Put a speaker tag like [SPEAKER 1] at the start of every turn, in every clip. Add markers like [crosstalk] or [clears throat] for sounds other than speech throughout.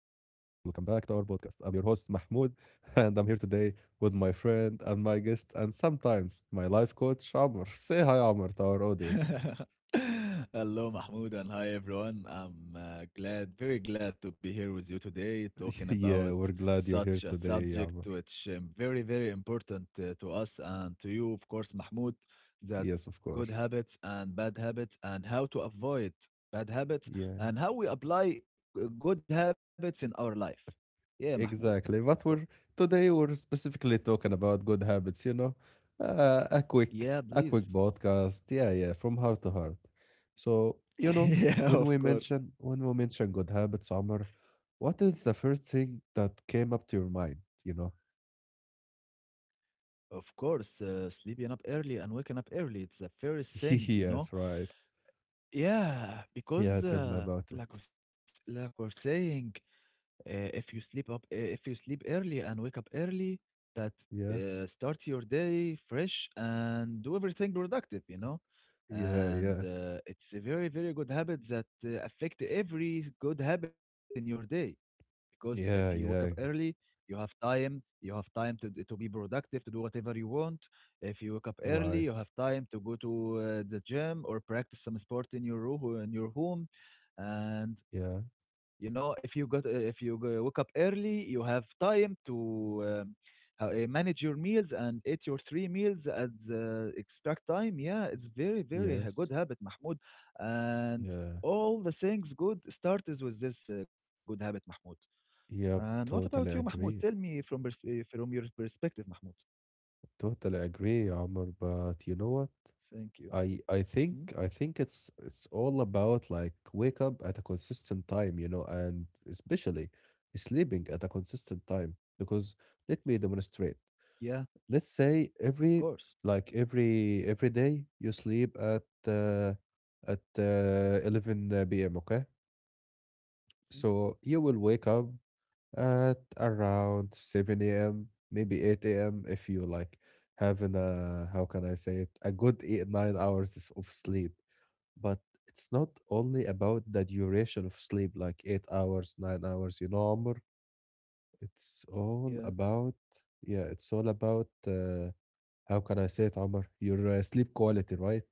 [SPEAKER 1] podcast. I'm your host, Mahmoud, [laughs] and I'm here today with my friend and my guest, and sometimes my life coach, Amr. Say hi, Amr, to our audience.
[SPEAKER 2] [laughs] Hello, Mahmoud, and hi, everyone. I'm glad, very glad to be here with you today,
[SPEAKER 1] [laughs]
[SPEAKER 2] talking
[SPEAKER 1] yeah,
[SPEAKER 2] about
[SPEAKER 1] we're glad you're
[SPEAKER 2] such
[SPEAKER 1] here
[SPEAKER 2] a
[SPEAKER 1] today,
[SPEAKER 2] subject
[SPEAKER 1] Amr.
[SPEAKER 2] which very, very important to us and to you, of course, Mahmoud, that
[SPEAKER 1] Yes, of
[SPEAKER 2] good
[SPEAKER 1] course.
[SPEAKER 2] habits and bad habits and how to avoid bad habits
[SPEAKER 1] Yeah.
[SPEAKER 2] and how we apply good habits in our life. Yeah, Mahmoud, of
[SPEAKER 1] Exactly.
[SPEAKER 2] course.
[SPEAKER 1] But we're today we're specifically talking about good habits, you know. Uh, a
[SPEAKER 2] Yeah,
[SPEAKER 1] quick a
[SPEAKER 2] please.
[SPEAKER 1] quick
[SPEAKER 2] [laughs]
[SPEAKER 1] podcast. Yeah, yeah, from heart to heart. So, you know,
[SPEAKER 2] Yeah,
[SPEAKER 1] when
[SPEAKER 2] of
[SPEAKER 1] we
[SPEAKER 2] course.
[SPEAKER 1] mention when we mention good habits, Omar, what is the first thing that came up to your mind, you know?
[SPEAKER 2] Of course, sleeping up early and waking up early, it's the first thing,
[SPEAKER 1] [laughs]
[SPEAKER 2] you know?
[SPEAKER 1] yes, right.
[SPEAKER 2] Yeah, because
[SPEAKER 1] Yeah, tell me about it.
[SPEAKER 2] like we're saying, if you sleep early and wake up early, that
[SPEAKER 1] Yeah.
[SPEAKER 2] start your day fresh and do everything productive, you know?
[SPEAKER 1] Yeah,
[SPEAKER 2] And
[SPEAKER 1] yeah.
[SPEAKER 2] it's a very, very good habit that affect every good habit in your day because if you wake
[SPEAKER 1] Yeah,
[SPEAKER 2] up
[SPEAKER 1] yeah.
[SPEAKER 2] early, you have time. You have time to be productive, to do whatever you want. If you wake up early, you have
[SPEAKER 1] Right.
[SPEAKER 2] time to go to uh, the gym or practice some sport in your room, in your home, and
[SPEAKER 1] Yeah.
[SPEAKER 2] you know if you wake up early, you have time to. Um, manage your meals and eat your three meals at the exact time. Yeah, it's very, very a good
[SPEAKER 1] Yes.
[SPEAKER 2] habit, Mahmoud. And
[SPEAKER 1] Yeah.
[SPEAKER 2] all the things good starts with this good habit, Mahmoud. And what
[SPEAKER 1] Yep,
[SPEAKER 2] about you,
[SPEAKER 1] totally
[SPEAKER 2] Mahmoud? Tell me
[SPEAKER 1] agree.
[SPEAKER 2] from pers from your perspective, Mahmoud.
[SPEAKER 1] Totally agree, Omar. But you know what?
[SPEAKER 2] Thank you. Mhm.
[SPEAKER 1] I think it's all about like wake up at a consistent time, you know, and especially sleeping at a consistent time. Because let me demonstrate.
[SPEAKER 2] Yeah,
[SPEAKER 1] Let's say
[SPEAKER 2] of
[SPEAKER 1] every
[SPEAKER 2] course.
[SPEAKER 1] like every day you sleep at 11 p.m. Okay,
[SPEAKER 2] Mhm.
[SPEAKER 1] so you will wake up at around 7 a.m., maybe 8 a.m., if you like having a, how can I say it, a good 8 9 hours of sleep. But it's not only about the duration of sleep, like 8 hours, 9 hours, you know, Amr. It's
[SPEAKER 2] Yeah,
[SPEAKER 1] all about, yeah, it's all about, how can I say it, Amr? Your sleep quality, right,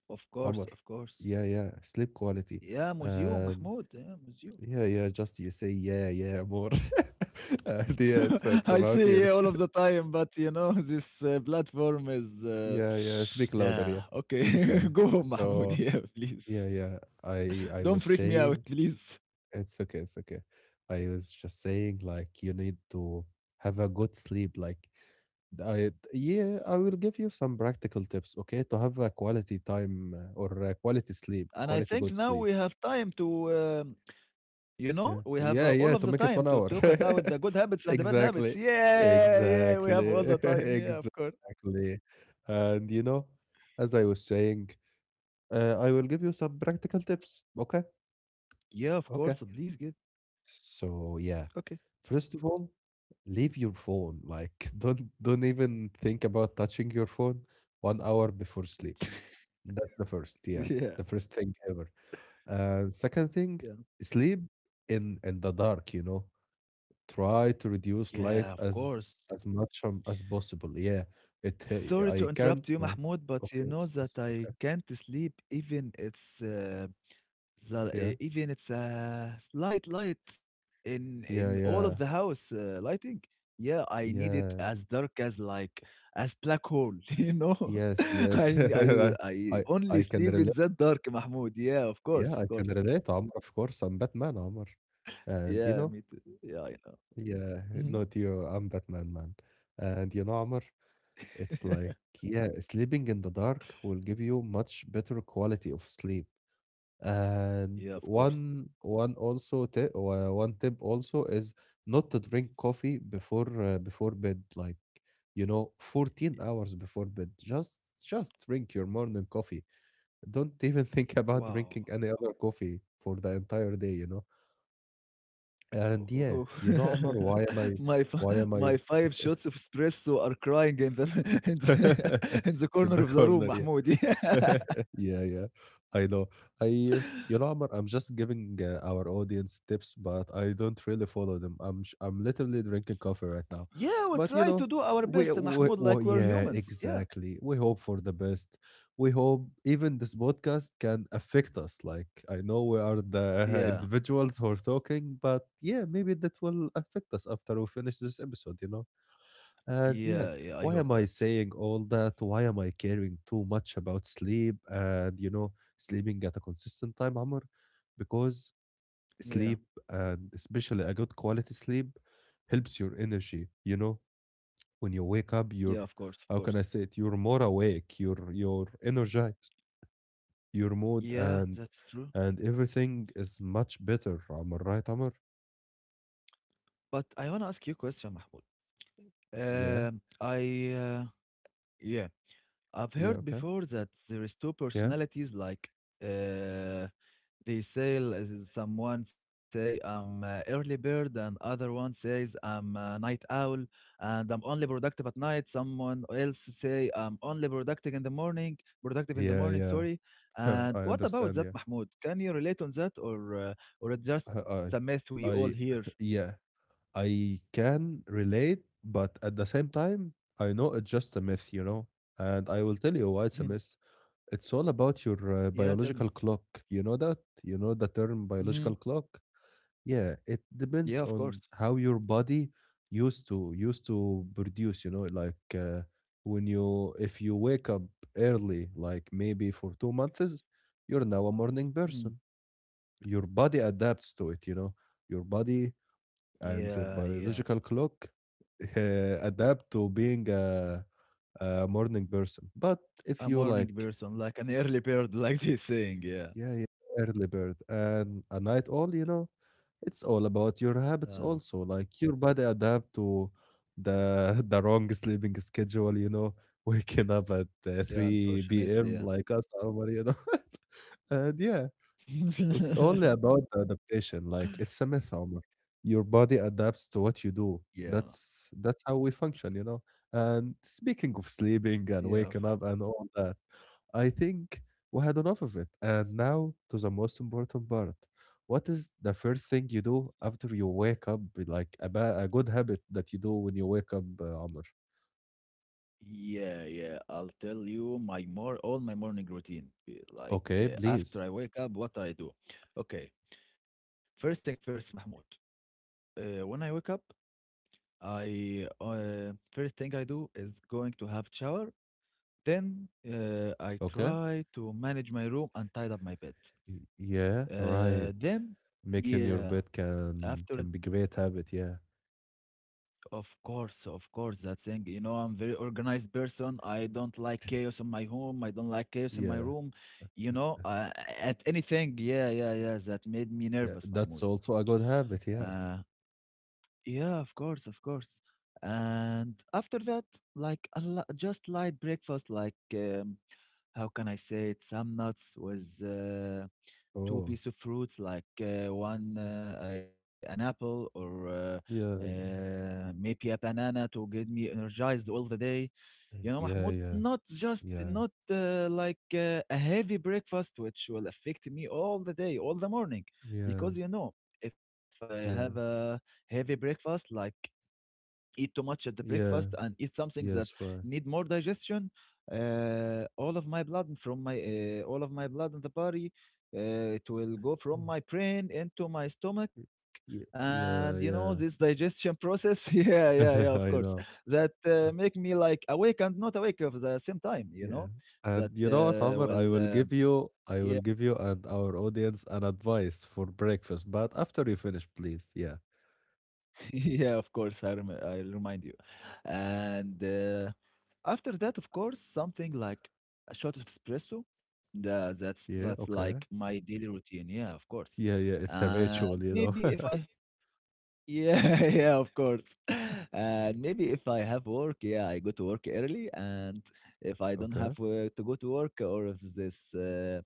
[SPEAKER 2] of course,
[SPEAKER 1] Amr?
[SPEAKER 2] of course.
[SPEAKER 1] Yeah, yeah, sleep quality.
[SPEAKER 2] Yeah, museum,
[SPEAKER 1] And
[SPEAKER 2] Mahmoud. Yeah, museum.
[SPEAKER 1] yeah, yeah, just you say yeah yeah more. [laughs] And yeah,
[SPEAKER 2] [laughs] I
[SPEAKER 1] it's
[SPEAKER 2] see,
[SPEAKER 1] about
[SPEAKER 2] yeah,
[SPEAKER 1] your
[SPEAKER 2] all of the
[SPEAKER 1] sleep.
[SPEAKER 2] time, but you know, [laughs] this platform is.
[SPEAKER 1] Yeah, yeah,
[SPEAKER 2] [sighs]
[SPEAKER 1] speak louder,
[SPEAKER 2] Yeah,
[SPEAKER 1] yeah.
[SPEAKER 2] okay.
[SPEAKER 1] Okay,
[SPEAKER 2] [laughs] Go, Mahmoud.
[SPEAKER 1] so
[SPEAKER 2] Yeah, please.
[SPEAKER 1] yeah, yeah, I
[SPEAKER 2] Don't
[SPEAKER 1] was
[SPEAKER 2] freak me out,
[SPEAKER 1] saying,
[SPEAKER 2] please.
[SPEAKER 1] it's okay, it's okay. I was just saying, like, you need to have a good sleep. Like, I, yeah, I will give you some practical tips, okay, to have a quality time, or quality sleep,
[SPEAKER 2] And I
[SPEAKER 1] quality
[SPEAKER 2] think
[SPEAKER 1] good
[SPEAKER 2] now
[SPEAKER 1] sleep.
[SPEAKER 2] we have time to, um, we
[SPEAKER 1] Yeah,
[SPEAKER 2] have all of
[SPEAKER 1] yeah,
[SPEAKER 2] the
[SPEAKER 1] yeah, to
[SPEAKER 2] time
[SPEAKER 1] make
[SPEAKER 2] to
[SPEAKER 1] it one
[SPEAKER 2] talk
[SPEAKER 1] hour.
[SPEAKER 2] about the good
[SPEAKER 1] [laughs]
[SPEAKER 2] habits and the bad habits.
[SPEAKER 1] Exactly,
[SPEAKER 2] Yeah, yeah, we have all
[SPEAKER 1] exactly,
[SPEAKER 2] the time.
[SPEAKER 1] [laughs]
[SPEAKER 2] Yeah, of course.
[SPEAKER 1] exactly. And, you know, as I was saying, I will give you some practical tips, okay,
[SPEAKER 2] Yeah, of
[SPEAKER 1] okay.
[SPEAKER 2] course. Please get.
[SPEAKER 1] So,
[SPEAKER 2] Okay.
[SPEAKER 1] yeah. First of all, leave your phone. Like, [laughs] don't even think about touching your phone one hour before sleep. That's the first,
[SPEAKER 2] [laughs]
[SPEAKER 1] yeah,
[SPEAKER 2] Yeah.
[SPEAKER 1] the first thing ever. Second thing,
[SPEAKER 2] Yeah.
[SPEAKER 1] sleep in the dark. You know, try to reduce
[SPEAKER 2] Yeah, of
[SPEAKER 1] light
[SPEAKER 2] course.
[SPEAKER 1] as much as possible. Yeah, it. He-
[SPEAKER 2] Sorry to
[SPEAKER 1] I can't
[SPEAKER 2] interrupt you,
[SPEAKER 1] like.
[SPEAKER 2] Mahmoud, but you
[SPEAKER 1] Okay,
[SPEAKER 2] know that
[SPEAKER 1] it's
[SPEAKER 2] I
[SPEAKER 1] okay.
[SPEAKER 2] can't sleep even it's
[SPEAKER 1] Yeah,
[SPEAKER 2] even it's a slight light in
[SPEAKER 1] yeah,
[SPEAKER 2] all of the
[SPEAKER 1] yeah,
[SPEAKER 2] house lighting, yeah, I need it
[SPEAKER 1] yeah.
[SPEAKER 2] as dark as, like, as black hole. [laughs] You know. [laughs]
[SPEAKER 1] Yes, yes. [laughs]
[SPEAKER 2] I
[SPEAKER 1] I I
[SPEAKER 2] only
[SPEAKER 1] I can
[SPEAKER 2] sleep in
[SPEAKER 1] relate.
[SPEAKER 2] that dark, Mahmoud. Yeah, of
[SPEAKER 1] Yeah,
[SPEAKER 2] course,
[SPEAKER 1] I
[SPEAKER 2] of
[SPEAKER 1] can
[SPEAKER 2] course.
[SPEAKER 1] relate, Amr, of course. I'm Batman, Amr.
[SPEAKER 2] Yeah,
[SPEAKER 1] And
[SPEAKER 2] me
[SPEAKER 1] you
[SPEAKER 2] too.
[SPEAKER 1] know,
[SPEAKER 2] Yeah, I know.
[SPEAKER 1] yeah,
[SPEAKER 2] Mhm.
[SPEAKER 1] not you. I'm Batman, man. And you know, Amr, it's
[SPEAKER 2] [laughs]
[SPEAKER 1] like, yeah, sleeping in the dark will give you much better quality of sleep. And
[SPEAKER 2] Yeah, of course.
[SPEAKER 1] one tip also is not to drink coffee before bed. Like, you know, 14 hours before bed. Just drink your morning coffee. Don't even [laughs] think about
[SPEAKER 2] Wow.
[SPEAKER 1] drinking any other coffee for the entire day, you know? And
[SPEAKER 2] Oh.
[SPEAKER 1] yeah, you know,
[SPEAKER 2] [laughs]
[SPEAKER 1] Amr, why am
[SPEAKER 2] my
[SPEAKER 1] I
[SPEAKER 2] fi-
[SPEAKER 1] why
[SPEAKER 2] my
[SPEAKER 1] am I [laughs]
[SPEAKER 2] five shots of espresso are crying in the, [laughs] in the, [laughs] in the
[SPEAKER 1] in
[SPEAKER 2] corner
[SPEAKER 1] the
[SPEAKER 2] of the room,
[SPEAKER 1] corner? Yeah.
[SPEAKER 2] Mahmoud. [laughs]
[SPEAKER 1] [laughs] Yeah, yeah. I know. I,
[SPEAKER 2] Yeah.
[SPEAKER 1] you know, Amr, I'm just giving our audience tips, but I don't really follow them. I'm literally drinking coffee right
[SPEAKER 2] Yeah,
[SPEAKER 1] now.
[SPEAKER 2] we try to
[SPEAKER 1] But
[SPEAKER 2] do
[SPEAKER 1] you
[SPEAKER 2] our
[SPEAKER 1] know,
[SPEAKER 2] best,
[SPEAKER 1] we,
[SPEAKER 2] Mahmoud,
[SPEAKER 1] we,
[SPEAKER 2] like we're
[SPEAKER 1] we yeah,
[SPEAKER 2] humans. Yeah,
[SPEAKER 1] exactly, we hope for the best. We hope even this podcast can affect us. Like, I know we are the [laughs]
[SPEAKER 2] yeah,
[SPEAKER 1] individuals who are talking, but yeah, maybe that will affect us after we finish this episode, you know? And yeah,
[SPEAKER 2] yeah, yeah. I
[SPEAKER 1] why
[SPEAKER 2] hope
[SPEAKER 1] am I
[SPEAKER 2] that.
[SPEAKER 1] saying all that? Why am I caring too much about sleep and, you know, sleeping at a consistent time, Amr? Because
[SPEAKER 2] Yeah,
[SPEAKER 1] sleep, and especially a good quality sleep, helps your energy. You know, when you wake up,
[SPEAKER 2] yeah, of
[SPEAKER 1] you're,
[SPEAKER 2] course, of course.
[SPEAKER 1] how can I say it? You're more awake, you're energized, your mood
[SPEAKER 2] Yeah, that's true.
[SPEAKER 1] and everything is much better, Amr, right, Amr?
[SPEAKER 2] But I want to ask you a question, Mahmoud.
[SPEAKER 1] Yeah,
[SPEAKER 2] Um, I, uh, yeah, I've
[SPEAKER 1] yeah,
[SPEAKER 2] heard
[SPEAKER 1] okay,
[SPEAKER 2] before that there is two
[SPEAKER 1] yeah,
[SPEAKER 2] personalities, like, uh, They say l- someone say I'm a early bird and other one says I'm a night owl and I'm only productive at night. Someone else say I'm only productive in the morning, productive in the
[SPEAKER 1] yeah,
[SPEAKER 2] morning,
[SPEAKER 1] yeah.
[SPEAKER 2] sorry.
[SPEAKER 1] [laughs]
[SPEAKER 2] And
[SPEAKER 1] I
[SPEAKER 2] what about
[SPEAKER 1] understand,
[SPEAKER 2] that,
[SPEAKER 1] yeah.
[SPEAKER 2] Mahmoud? Can you relate on that or it's just a myth
[SPEAKER 1] I
[SPEAKER 2] we all hear?
[SPEAKER 1] I [laughs] yeah, I can relate, but at the same time, I know it's just a myth, you know. And I will tell you why it's
[SPEAKER 2] Mhm.
[SPEAKER 1] a myth. It's all about your
[SPEAKER 2] Yeah, tell me.
[SPEAKER 1] biological clock. You know that? You know the term
[SPEAKER 2] Hmm.
[SPEAKER 1] biological clock? Yeah, it
[SPEAKER 2] Yeah, of
[SPEAKER 1] depends
[SPEAKER 2] course.
[SPEAKER 1] on how your body used to produce, you know, like when you, if you wake up early, like maybe for 2 months, you're now a morning
[SPEAKER 2] Mhm.
[SPEAKER 1] person, your body adapts to it, you know, your body
[SPEAKER 2] Yeah,
[SPEAKER 1] and your
[SPEAKER 2] yeah.
[SPEAKER 1] biological clock [laughs] adapt to being a morning person. But
[SPEAKER 2] A
[SPEAKER 1] if you
[SPEAKER 2] morning
[SPEAKER 1] like,
[SPEAKER 2] person, like an early bird, [laughs] like this saying. Yeah.
[SPEAKER 1] yeah, yeah, early bird and a night owl, you know, it's all about your
[SPEAKER 2] Uh,
[SPEAKER 1] habits also, like your body adapt to the [laughs] the wrong sleeping schedule, you know, waking up at
[SPEAKER 2] yeah, unfortunately,
[SPEAKER 1] 3
[SPEAKER 2] yeah.
[SPEAKER 1] p.m. like us, Omar, you know. [laughs] And yeah,
[SPEAKER 2] [laughs]
[SPEAKER 1] it's only about the adaptation. Like, it's a myth, Omar. Your body adapts to what
[SPEAKER 2] Yeah,
[SPEAKER 1] you do. That's how we function, you know. And speaking of
[SPEAKER 2] yeah,
[SPEAKER 1] sleeping and waking up and all that, I think we had enough of it. And now to the most important part. What is the first thing you do after you wake up? Like a, a good habit that you do when you wake up, Omar.
[SPEAKER 2] yeah, yeah. I'll tell you my more all my morning routine. Be Like
[SPEAKER 1] Okay, please.
[SPEAKER 2] after I wake up, what I do. Okay, first thing first, Mahmoud. When I wake up, I first thing I do is going to have shower. Then I
[SPEAKER 1] Okay.
[SPEAKER 2] try to manage my room and tidy up my bed.
[SPEAKER 1] Yeah, right.
[SPEAKER 2] Then,
[SPEAKER 1] Making your
[SPEAKER 2] yeah,
[SPEAKER 1] bed
[SPEAKER 2] after.
[SPEAKER 1] can be great habit, yeah.
[SPEAKER 2] Of course, that thing. You know, I'm very organized person. I don't like chaos in my home. I don't like chaos in my
[SPEAKER 1] Yeah.
[SPEAKER 2] room. You know, at anything. Yeah, yeah, yeah. That made me
[SPEAKER 1] Yeah,
[SPEAKER 2] nervous,
[SPEAKER 1] that's
[SPEAKER 2] Mahmoud.
[SPEAKER 1] also a good habit,
[SPEAKER 2] Uh,
[SPEAKER 1] yeah.
[SPEAKER 2] yeah, of course, of course. And after that, like just light breakfast, like, how can I say it? Some nuts with two
[SPEAKER 1] Oh,
[SPEAKER 2] piece of fruits, like, one, an apple, or,
[SPEAKER 1] yeah,
[SPEAKER 2] maybe a banana to get me energized all the day, you know,
[SPEAKER 1] yeah,
[SPEAKER 2] Mahmoud,
[SPEAKER 1] yeah,
[SPEAKER 2] not just
[SPEAKER 1] yeah,
[SPEAKER 2] not, like, a heavy breakfast which will affect me all the day all the morning,
[SPEAKER 1] yeah,
[SPEAKER 2] because you know if I have
[SPEAKER 1] yeah,
[SPEAKER 2] a heavy breakfast, like eat too much at the breakfast
[SPEAKER 1] yeah,
[SPEAKER 2] and eat something that
[SPEAKER 1] yes, right.
[SPEAKER 2] need more digestion, all of my blood in the body, it will go from
[SPEAKER 1] Mm,
[SPEAKER 2] my brain into my stomach,
[SPEAKER 1] y- yeah,
[SPEAKER 2] and you know this
[SPEAKER 1] yeah,
[SPEAKER 2] digestion process. [laughs] Yeah, yeah, yeah, of
[SPEAKER 1] [laughs] I
[SPEAKER 2] course,
[SPEAKER 1] know.
[SPEAKER 2] that
[SPEAKER 1] Uh,
[SPEAKER 2] make me like awake and not awake at the same time,
[SPEAKER 1] Yeah.
[SPEAKER 2] you know.
[SPEAKER 1] And you
[SPEAKER 2] That
[SPEAKER 1] know what, Amr?
[SPEAKER 2] Well,
[SPEAKER 1] I will give
[SPEAKER 2] yeah.
[SPEAKER 1] you and our audience an advice for breakfast, but after you finish, please. Yeah.
[SPEAKER 2] [laughs] Yeah, of course. I'll remind you. And after that, of course, something like a shot of espresso. The,
[SPEAKER 1] Yeah,
[SPEAKER 2] that's
[SPEAKER 1] okay.
[SPEAKER 2] like my daily routine. Yeah, of
[SPEAKER 1] Yeah,
[SPEAKER 2] course.
[SPEAKER 1] yeah, it's a ritual, you
[SPEAKER 2] And
[SPEAKER 1] know. [laughs]
[SPEAKER 2] maybe if I. Yeah. [laughs] Yeah, of course. And maybe if I have work, yeah, I go to work early. And if I don't
[SPEAKER 1] Okay.
[SPEAKER 2] have to go to work, or if this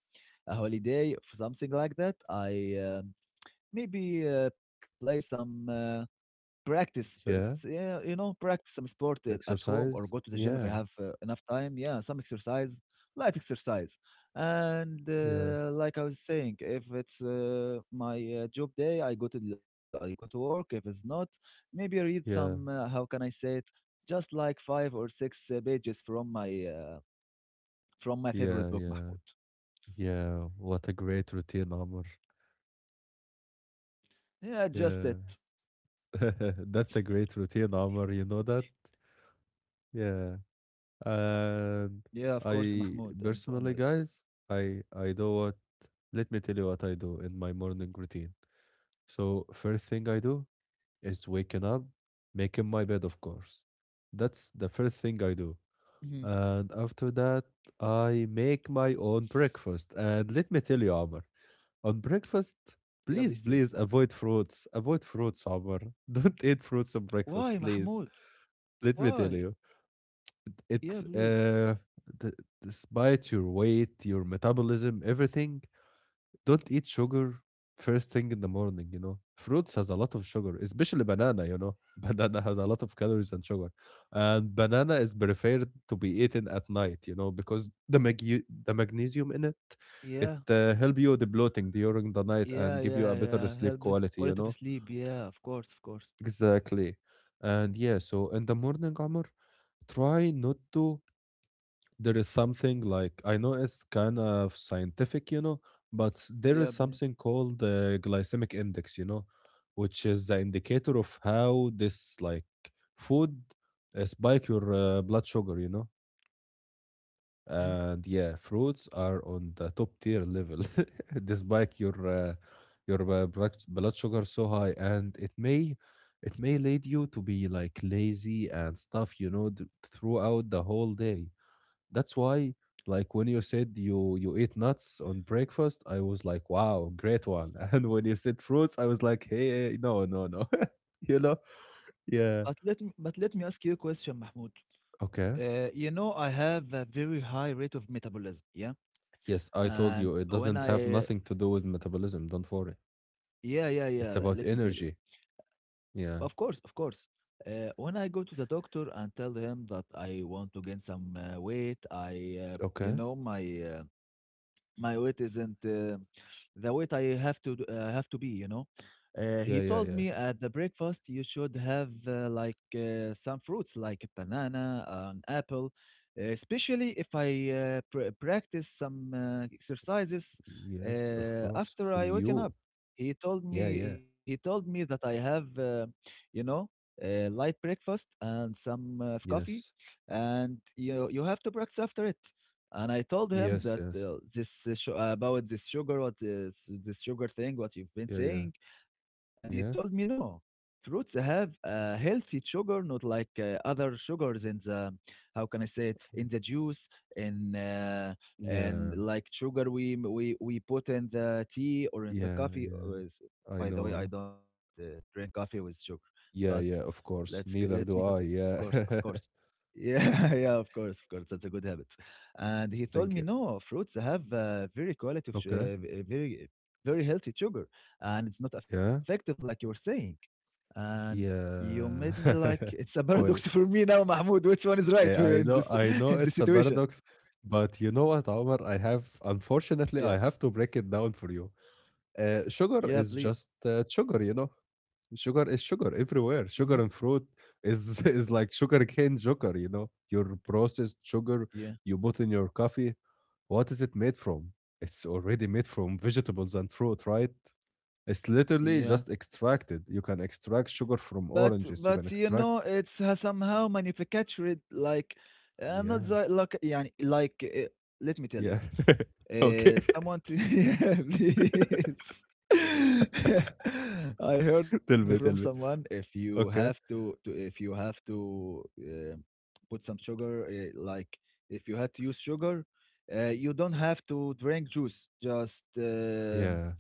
[SPEAKER 2] a holiday or something like that, I maybe play some. But
[SPEAKER 1] Yeah.
[SPEAKER 2] yeah, you know, practice some sport at home or go
[SPEAKER 1] Exercise.
[SPEAKER 2] to the gym if I
[SPEAKER 1] Yeah.
[SPEAKER 2] have enough time. Yeah, some exercise, light exercise. And
[SPEAKER 1] Yeah.
[SPEAKER 2] like I was saying, if it's my job day, I go to work. If it's not, maybe I read some.
[SPEAKER 1] Yeah.
[SPEAKER 2] How can I say it? Just like five or six pages uh, from my
[SPEAKER 1] Yeah.
[SPEAKER 2] favorite book,
[SPEAKER 1] Yeah.
[SPEAKER 2] Mahmoud.
[SPEAKER 1] Yeah, what a great routine, Amr.
[SPEAKER 2] Yeah, just it.
[SPEAKER 1] Yeah, [laughs] that's a great routine, Amr. You know that? Yeah.
[SPEAKER 2] Yeah, of course, Mahmoud. I'm
[SPEAKER 1] And
[SPEAKER 2] I'm with you.
[SPEAKER 1] I personally, guys, I do what. Let me tell you what I do in my morning routine. So first thing I do is waking up, making my bed, of course. That's the first
[SPEAKER 2] Hmm.
[SPEAKER 1] thing I do. And after that, I make my own breakfast. And let me tell you, Amr. On breakfast,
[SPEAKER 2] Yeah, please tell me.
[SPEAKER 1] please, please avoid fruits. Avoid fruits, Omar. [laughs] Don't eat fruits on
[SPEAKER 2] Why,
[SPEAKER 1] breakfast,
[SPEAKER 2] Mahmoud?
[SPEAKER 1] please. Let me tell
[SPEAKER 2] Why?
[SPEAKER 1] you, it,
[SPEAKER 2] Yeah,
[SPEAKER 1] it
[SPEAKER 2] please.
[SPEAKER 1] uh, d- despite your weight, your metabolism, everything, don't eat sugar first thing in the morning, you know. Fruits has a lot of sugar, especially banana, you know. [laughs] Banana has a lot of calories and sugar. And banana is preferred to be eaten at night, you know, because the magnesium in it,
[SPEAKER 2] Yeah,
[SPEAKER 1] help you the bloating during the night and give you a
[SPEAKER 2] yeah,
[SPEAKER 1] better
[SPEAKER 2] yeah,
[SPEAKER 1] sleep
[SPEAKER 2] yeah.
[SPEAKER 1] quality,
[SPEAKER 2] Help the
[SPEAKER 1] you know.
[SPEAKER 2] quality of sleep. Yeah, of course, of course.
[SPEAKER 1] Exactly. And yeah, so in the morning, Amr, try not to, there is something like, I know it's kind of scientific, you know, but there is
[SPEAKER 2] Yeah,
[SPEAKER 1] something
[SPEAKER 2] please.
[SPEAKER 1] called the glycemic index, you know, which is the indicator of how this like food spike your blood sugar, you know.
[SPEAKER 2] Hmm?
[SPEAKER 1] And yeah, fruits are on the top tier level. [laughs] They spike your blood sugar so high, and it may lead you to be like lazy and stuff, you know, throughout the whole day. That's why, like, when you said you ate nuts on breakfast, I was like, wow, great one. [laughs] And when you said fruits, I was like, hey, no, no, no. [laughs] you know?
[SPEAKER 2] But let
[SPEAKER 1] Yeah.
[SPEAKER 2] me, but let me ask you a question, Mahmoud.
[SPEAKER 1] Okay.
[SPEAKER 2] You know, I have a very high rate of metabolism. Yeah,
[SPEAKER 1] Yes, I told
[SPEAKER 2] and
[SPEAKER 1] you it
[SPEAKER 2] when
[SPEAKER 1] doesn't have
[SPEAKER 2] I.
[SPEAKER 1] nothing to do with metabolism. Don't worry.
[SPEAKER 2] Yeah, yeah,
[SPEAKER 1] It's
[SPEAKER 2] yeah.
[SPEAKER 1] about
[SPEAKER 2] Let me tell you.
[SPEAKER 1] energy. Yeah.
[SPEAKER 2] Of course, of course. When I go to the doctor and tell him that I want to gain some weight, I, you
[SPEAKER 1] Okay.
[SPEAKER 2] know, my my weight isn't the weight I have to be, you know.
[SPEAKER 1] Yeah,
[SPEAKER 2] He
[SPEAKER 1] yeah,
[SPEAKER 2] told
[SPEAKER 1] yeah.
[SPEAKER 2] me at the breakfast you should have, like, some fruits like a banana, an apple, especially if I practice some exercises
[SPEAKER 1] Yes, of course.
[SPEAKER 2] after
[SPEAKER 1] For
[SPEAKER 2] I waken
[SPEAKER 1] you.
[SPEAKER 2] up. He told
[SPEAKER 1] Yeah, yeah.
[SPEAKER 2] me he told me that I have, you know a light breakfast and some coffee,
[SPEAKER 1] Yes.
[SPEAKER 2] and you have to practice after it. And I told him
[SPEAKER 1] Yes,
[SPEAKER 2] that,
[SPEAKER 1] yes.
[SPEAKER 2] about this sugar, what is this sugar thing, what you've been
[SPEAKER 1] Yeah, yeah.
[SPEAKER 2] saying, and he told
[SPEAKER 1] Yeah.
[SPEAKER 2] me no, fruits have a healthy sugar, not like other sugars in the, how can I say it,
[SPEAKER 1] Mm,
[SPEAKER 2] in the juice, in, and
[SPEAKER 1] yeah,
[SPEAKER 2] like sugar we m- we put in the tea or in the
[SPEAKER 1] yeah,
[SPEAKER 2] coffee.
[SPEAKER 1] yeah. I
[SPEAKER 2] By the way, I
[SPEAKER 1] know.
[SPEAKER 2] don't drink coffee with sugar, but
[SPEAKER 1] Yeah, yeah, of course.
[SPEAKER 2] let me
[SPEAKER 1] Neither
[SPEAKER 2] continue.
[SPEAKER 1] do I.
[SPEAKER 2] Of course,
[SPEAKER 1] Yeah.
[SPEAKER 2] of course.
[SPEAKER 1] [laughs]
[SPEAKER 2] Yeah, [laughs] yeah, of course, of course. That's a good habit, and he told
[SPEAKER 1] Thank
[SPEAKER 2] me
[SPEAKER 1] you.
[SPEAKER 2] no, fruits have, very quality of su-
[SPEAKER 1] Okay.
[SPEAKER 2] v- very very healthy sugar, and it's not effective
[SPEAKER 1] Yeah.
[SPEAKER 2] like you were saying, and you made me
[SPEAKER 1] Yeah.
[SPEAKER 2] like, [laughs] it's a paradox
[SPEAKER 1] [laughs]
[SPEAKER 2] [laughs] for
[SPEAKER 1] Well,
[SPEAKER 2] me now, Mahmoud, which one is right? [laughs]
[SPEAKER 1] eh,
[SPEAKER 2] In
[SPEAKER 1] I
[SPEAKER 2] this
[SPEAKER 1] know, I
[SPEAKER 2] in
[SPEAKER 1] know
[SPEAKER 2] this
[SPEAKER 1] it's a
[SPEAKER 2] situation.
[SPEAKER 1] paradox, but you know what, Omar? I, have unfortunately,
[SPEAKER 2] Yeah,
[SPEAKER 1] I have to break it down for you. Sugar
[SPEAKER 2] yeah,
[SPEAKER 1] is
[SPEAKER 2] please.
[SPEAKER 1] just sugar, you know. Sugar is sugar
[SPEAKER 2] Hmm.
[SPEAKER 1] everywhere. Sugar and fruit is [laughs] is like sugar cane sugar, you know. Your processed sugar
[SPEAKER 2] Yeah,
[SPEAKER 1] you put in your coffee. What is it made from? It's already made from vegetables and fruit, right? It's literally
[SPEAKER 2] yeah.
[SPEAKER 1] just extracted. You can extract sugar
[SPEAKER 2] but
[SPEAKER 1] from
[SPEAKER 2] but
[SPEAKER 1] oranges. You
[SPEAKER 2] you
[SPEAKER 1] can
[SPEAKER 2] know
[SPEAKER 1] extract,
[SPEAKER 2] it's somehow manufactured, like, not
[SPEAKER 1] yeah,
[SPEAKER 2] the, like, yeah, like, let me tell you.
[SPEAKER 1] yeah. [laughs] Okay.
[SPEAKER 2] Someone to. [laughs] Yeah, please. [laughs] I heard
[SPEAKER 1] [laughs]
[SPEAKER 2] from
[SPEAKER 1] Tell me, tell
[SPEAKER 2] someone,
[SPEAKER 1] me.
[SPEAKER 2] if you have
[SPEAKER 1] Okay.
[SPEAKER 2] to if you have to put some sugar, like, if you had to use sugar, you don't have to drink juice. Just
[SPEAKER 1] Yeah,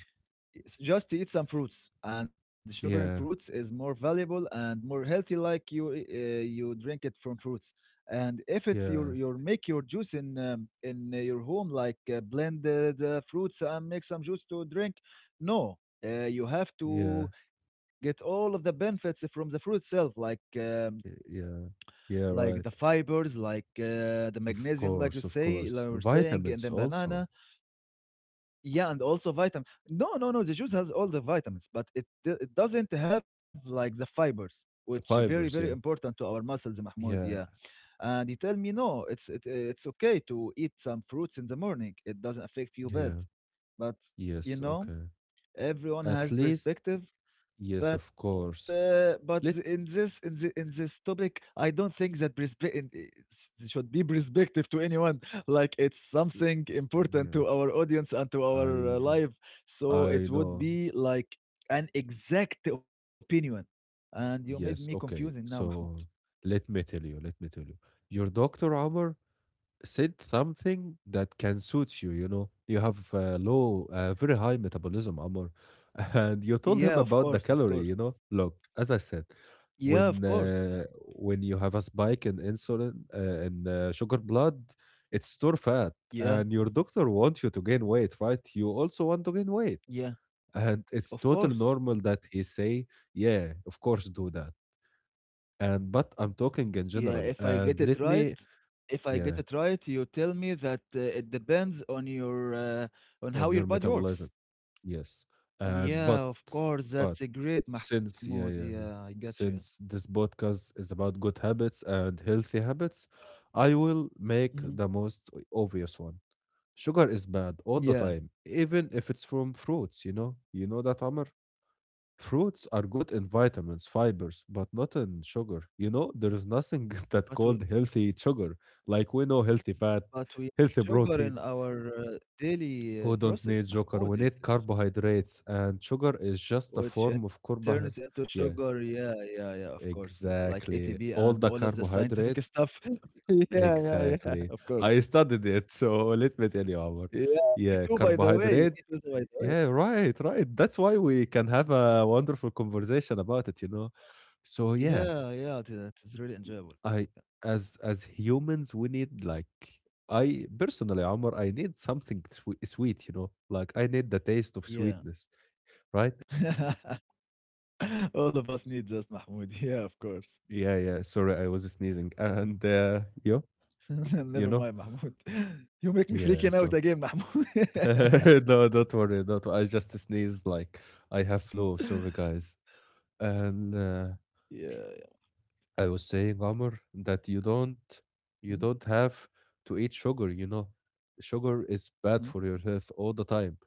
[SPEAKER 2] It's just eat some fruits, and sugar in fruits
[SPEAKER 1] yeah,
[SPEAKER 2] is more valuable and more healthy, like you drink it from fruits. And if it's
[SPEAKER 1] yeah,
[SPEAKER 2] your make your juice in your home, like, blend the fruits and make some juice to drink. No, you have to
[SPEAKER 1] yeah,
[SPEAKER 2] get all of the benefits from the fruit itself, like,
[SPEAKER 1] yeah, yeah,
[SPEAKER 2] like the
[SPEAKER 1] right.
[SPEAKER 2] fibers, like the
[SPEAKER 1] Of
[SPEAKER 2] magnesium,
[SPEAKER 1] course, of course.
[SPEAKER 2] like we're saying in
[SPEAKER 1] Vitamins
[SPEAKER 2] the
[SPEAKER 1] also.
[SPEAKER 2] banana. Yeah, and also vitamin. No, no, no. The juice has all the vitamins, but it doesn't have like the fibers, which very very
[SPEAKER 1] Fibers, yeah.
[SPEAKER 2] important to our muscles, Mahmoud. Yeah,
[SPEAKER 1] Yeah,
[SPEAKER 2] and he tell me no, it's okay to eat some fruits in the morning. It doesn't affect you bad,
[SPEAKER 1] yeah.
[SPEAKER 2] but
[SPEAKER 1] Yes,
[SPEAKER 2] you know
[SPEAKER 1] okay.
[SPEAKER 2] everyone
[SPEAKER 1] At
[SPEAKER 2] has
[SPEAKER 1] least,
[SPEAKER 2] perspective,
[SPEAKER 1] yes, of
[SPEAKER 2] but
[SPEAKER 1] course.
[SPEAKER 2] uh, but
[SPEAKER 1] Let,
[SPEAKER 2] the- in this in the in this topic, I don't think that should be perspective to anyone. [laughs] Like it's something important to
[SPEAKER 1] yes,
[SPEAKER 2] our audience and to
[SPEAKER 1] I
[SPEAKER 2] our
[SPEAKER 1] know.
[SPEAKER 2] life. So
[SPEAKER 1] I
[SPEAKER 2] it would
[SPEAKER 1] know.
[SPEAKER 2] be like an exact opinion. And you made me
[SPEAKER 1] Yes,
[SPEAKER 2] confusing now,
[SPEAKER 1] okay.
[SPEAKER 2] Mahmoud.
[SPEAKER 1] So let me tell you, let me tell you. Your doctor, Omar, said something that can suit you, you know. You have very high metabolism, Omar. [laughs] And you told him
[SPEAKER 2] Yeah, of
[SPEAKER 1] about the
[SPEAKER 2] course, of
[SPEAKER 1] calorie,
[SPEAKER 2] course.
[SPEAKER 1] you know. Look, as I said,
[SPEAKER 2] Yeah, of
[SPEAKER 1] when
[SPEAKER 2] course.
[SPEAKER 1] uh, when you have a spike in insulin in sugar blood, it's store fat.
[SPEAKER 2] Yeah,
[SPEAKER 1] And your doctor wants you to gain weight, right? You also want to gain weight.
[SPEAKER 2] yeah,
[SPEAKER 1] And it's
[SPEAKER 2] of
[SPEAKER 1] totally
[SPEAKER 2] course.
[SPEAKER 1] normal that he say, yeah, of course do that and but I'm talking in
[SPEAKER 2] Yeah, if
[SPEAKER 1] general.
[SPEAKER 2] I get it
[SPEAKER 1] And let
[SPEAKER 2] right,
[SPEAKER 1] me,
[SPEAKER 2] if I get
[SPEAKER 1] yeah,
[SPEAKER 2] it right, you tell me that it depends on your on
[SPEAKER 1] on
[SPEAKER 2] how your
[SPEAKER 1] your
[SPEAKER 2] body works.
[SPEAKER 1] metabolism. Yes. And
[SPEAKER 2] Yeah, of course,
[SPEAKER 1] but
[SPEAKER 2] that's a great,
[SPEAKER 1] since
[SPEAKER 2] Mahmoud.
[SPEAKER 1] yeah yeah
[SPEAKER 2] Yeah, I
[SPEAKER 1] yeah
[SPEAKER 2] got you.
[SPEAKER 1] since this podcast is about good habits and healthy habits, I will make
[SPEAKER 2] Hmm.
[SPEAKER 1] the most obvious one. Sugar is bad all the
[SPEAKER 2] Yeah,
[SPEAKER 1] time, even if it's from fruits. You know that, Amr. Fruits are good in vitamins, fibers, but not in sugar. You know, there is nothing [laughs]
[SPEAKER 2] but
[SPEAKER 1] that
[SPEAKER 2] we
[SPEAKER 1] called healthy sugar. Like we know healthy fat,
[SPEAKER 2] but we
[SPEAKER 1] healthy
[SPEAKER 2] sugar in
[SPEAKER 1] protein.
[SPEAKER 2] our daily
[SPEAKER 1] We don't
[SPEAKER 2] process,
[SPEAKER 1] need sugar. We
[SPEAKER 2] Mahmoud. It
[SPEAKER 1] need carbohydrates, and sugar is just a
[SPEAKER 2] which in
[SPEAKER 1] form of
[SPEAKER 2] turns into
[SPEAKER 1] carbohydrate.
[SPEAKER 2] sugar.
[SPEAKER 1] Yeah,
[SPEAKER 2] Yeah, yeah, yeah. Of course, like ATP
[SPEAKER 1] exactly.
[SPEAKER 2] and
[SPEAKER 1] All
[SPEAKER 2] all
[SPEAKER 1] the
[SPEAKER 2] of the scientific
[SPEAKER 1] carbohydrates.
[SPEAKER 2] stuff. [laughs] Yeah, yeah, yeah.
[SPEAKER 1] Exactly.
[SPEAKER 2] Of
[SPEAKER 1] I
[SPEAKER 2] course.
[SPEAKER 1] studied it, so let me tell you, Omar.
[SPEAKER 2] Yeah, me
[SPEAKER 1] Yeah,
[SPEAKER 2] too. By the way,
[SPEAKER 1] carbohydrate.
[SPEAKER 2] me too. By the way.
[SPEAKER 1] Yeah, right, right. That's why we can have a wonderful conversation about it. So
[SPEAKER 2] Yeah,
[SPEAKER 1] yeah,
[SPEAKER 2] yeah, it is really enjoyable.
[SPEAKER 1] I as humans we need like I personally, Omar, I need something sweet, you know, like I need the taste of
[SPEAKER 2] Yeah.
[SPEAKER 1] sweetness, right?
[SPEAKER 2] [laughs] All of us need that, Mahmoud. [laughs] Yeah, of course.
[SPEAKER 1] Yeah, yeah, sorry, I was sneezing and you
[SPEAKER 2] [laughs] Never
[SPEAKER 1] you
[SPEAKER 2] mind,
[SPEAKER 1] know.
[SPEAKER 2] Mahmoud. [laughs] You make me
[SPEAKER 1] Yeah,
[SPEAKER 2] freaking out
[SPEAKER 1] so
[SPEAKER 2] again, Mahmoud. [laughs]
[SPEAKER 1] [laughs] no, don't worry, do not, I just sneezed like I have flu, sorry guys. And
[SPEAKER 2] Yeah. Yeah.
[SPEAKER 1] I was saying, Omar, that you
[SPEAKER 2] Mm,
[SPEAKER 1] don't have to eat sugar, you know. Sugar is bad
[SPEAKER 2] mm.
[SPEAKER 1] for your health all the time.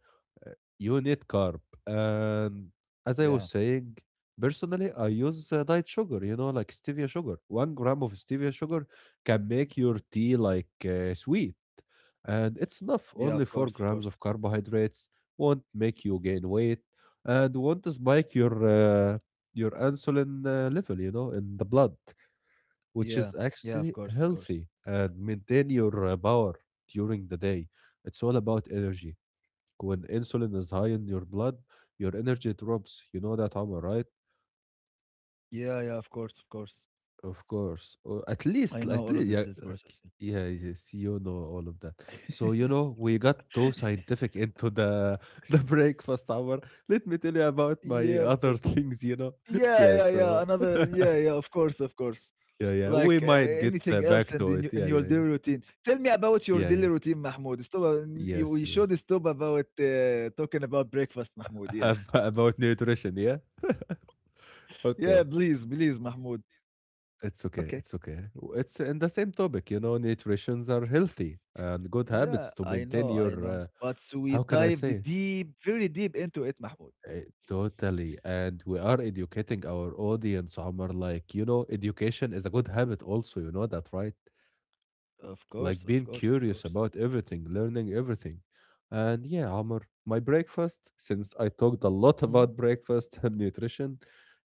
[SPEAKER 1] Uh, You need carb. And as I was
[SPEAKER 2] Yeah,
[SPEAKER 1] saying, personally, I use diet sugar, you know, like stevia sugar. 1 gram of stevia sugar can make your tea like sweet. And it's enough.
[SPEAKER 2] yeah,
[SPEAKER 1] Only
[SPEAKER 2] of
[SPEAKER 1] four
[SPEAKER 2] course, of
[SPEAKER 1] grams of
[SPEAKER 2] course.
[SPEAKER 1] carbohydrates won't make you gain weight and won't spike
[SPEAKER 2] Mm.
[SPEAKER 1] your insulin level, you know, in the blood, which
[SPEAKER 2] Yeah,
[SPEAKER 1] is
[SPEAKER 2] yeah, of
[SPEAKER 1] actually
[SPEAKER 2] course, of course.
[SPEAKER 1] healthy and maintain your power during the day. It's all about energy. When insulin is high in your blood, your energy drops. You know that, Omar, right?
[SPEAKER 2] Yeah, yeah, of course, of course.
[SPEAKER 1] Of course. Or
[SPEAKER 2] I know
[SPEAKER 1] at
[SPEAKER 2] all
[SPEAKER 1] least,
[SPEAKER 2] of
[SPEAKER 1] yeah,
[SPEAKER 2] this
[SPEAKER 1] like,
[SPEAKER 2] process.
[SPEAKER 1] yeah, yes, you know all of that. So, you know, we got too
[SPEAKER 2] [laughs]
[SPEAKER 1] scientific into the [laughs] the breakfast hour. Let me tell you about my
[SPEAKER 2] Yeah,
[SPEAKER 1] other [laughs]
[SPEAKER 2] of course.
[SPEAKER 1] things, you know. [laughs]
[SPEAKER 2] Yeah,
[SPEAKER 1] Yeah,
[SPEAKER 2] yeah, yeah.
[SPEAKER 1] so
[SPEAKER 2] Another. Yeah, yeah. Of course, of course.
[SPEAKER 1] yeah, yeah. We
[SPEAKER 2] Like,
[SPEAKER 1] might get
[SPEAKER 2] anything else
[SPEAKER 1] back
[SPEAKER 2] and
[SPEAKER 1] to
[SPEAKER 2] in
[SPEAKER 1] it.
[SPEAKER 2] your in
[SPEAKER 1] Yeah,
[SPEAKER 2] your
[SPEAKER 1] yeah, yeah.
[SPEAKER 2] daily routine. Tell me about your
[SPEAKER 1] Yeah,
[SPEAKER 2] daily
[SPEAKER 1] yeah.
[SPEAKER 2] routine, Mahmoud. Stop, you
[SPEAKER 1] Yes,
[SPEAKER 2] we should
[SPEAKER 1] yes.
[SPEAKER 2] stop talking about breakfast, Mahmoud,
[SPEAKER 1] [laughs]
[SPEAKER 2] yeah.
[SPEAKER 1] About nutrition, yeah? [laughs]
[SPEAKER 2] [laughs]
[SPEAKER 1] Okay.
[SPEAKER 2] Yeah, please, please, Mahmoud.
[SPEAKER 1] It's okay.
[SPEAKER 2] Okay.
[SPEAKER 1] It's okay. It's in the same topic, you know, nutritions are healthy and good
[SPEAKER 2] Yeah,
[SPEAKER 1] habits to
[SPEAKER 2] I
[SPEAKER 1] maintain
[SPEAKER 2] know,
[SPEAKER 1] your
[SPEAKER 2] I know. But so we
[SPEAKER 1] how can I
[SPEAKER 2] dived
[SPEAKER 1] say it?
[SPEAKER 2] deep, very deep into it, Mahmoud.
[SPEAKER 1] Totally. And we are educating our audience, Omar. Like, you know, education is a good habit also, you know that, right?
[SPEAKER 2] Of course,
[SPEAKER 1] Like
[SPEAKER 2] of
[SPEAKER 1] being
[SPEAKER 2] course, of
[SPEAKER 1] curious
[SPEAKER 2] course.
[SPEAKER 1] about everything, learning everything. And yeah, Amr, my breakfast, since I talked a lot
[SPEAKER 2] Mhm.
[SPEAKER 1] about breakfast [laughs] and nutrition,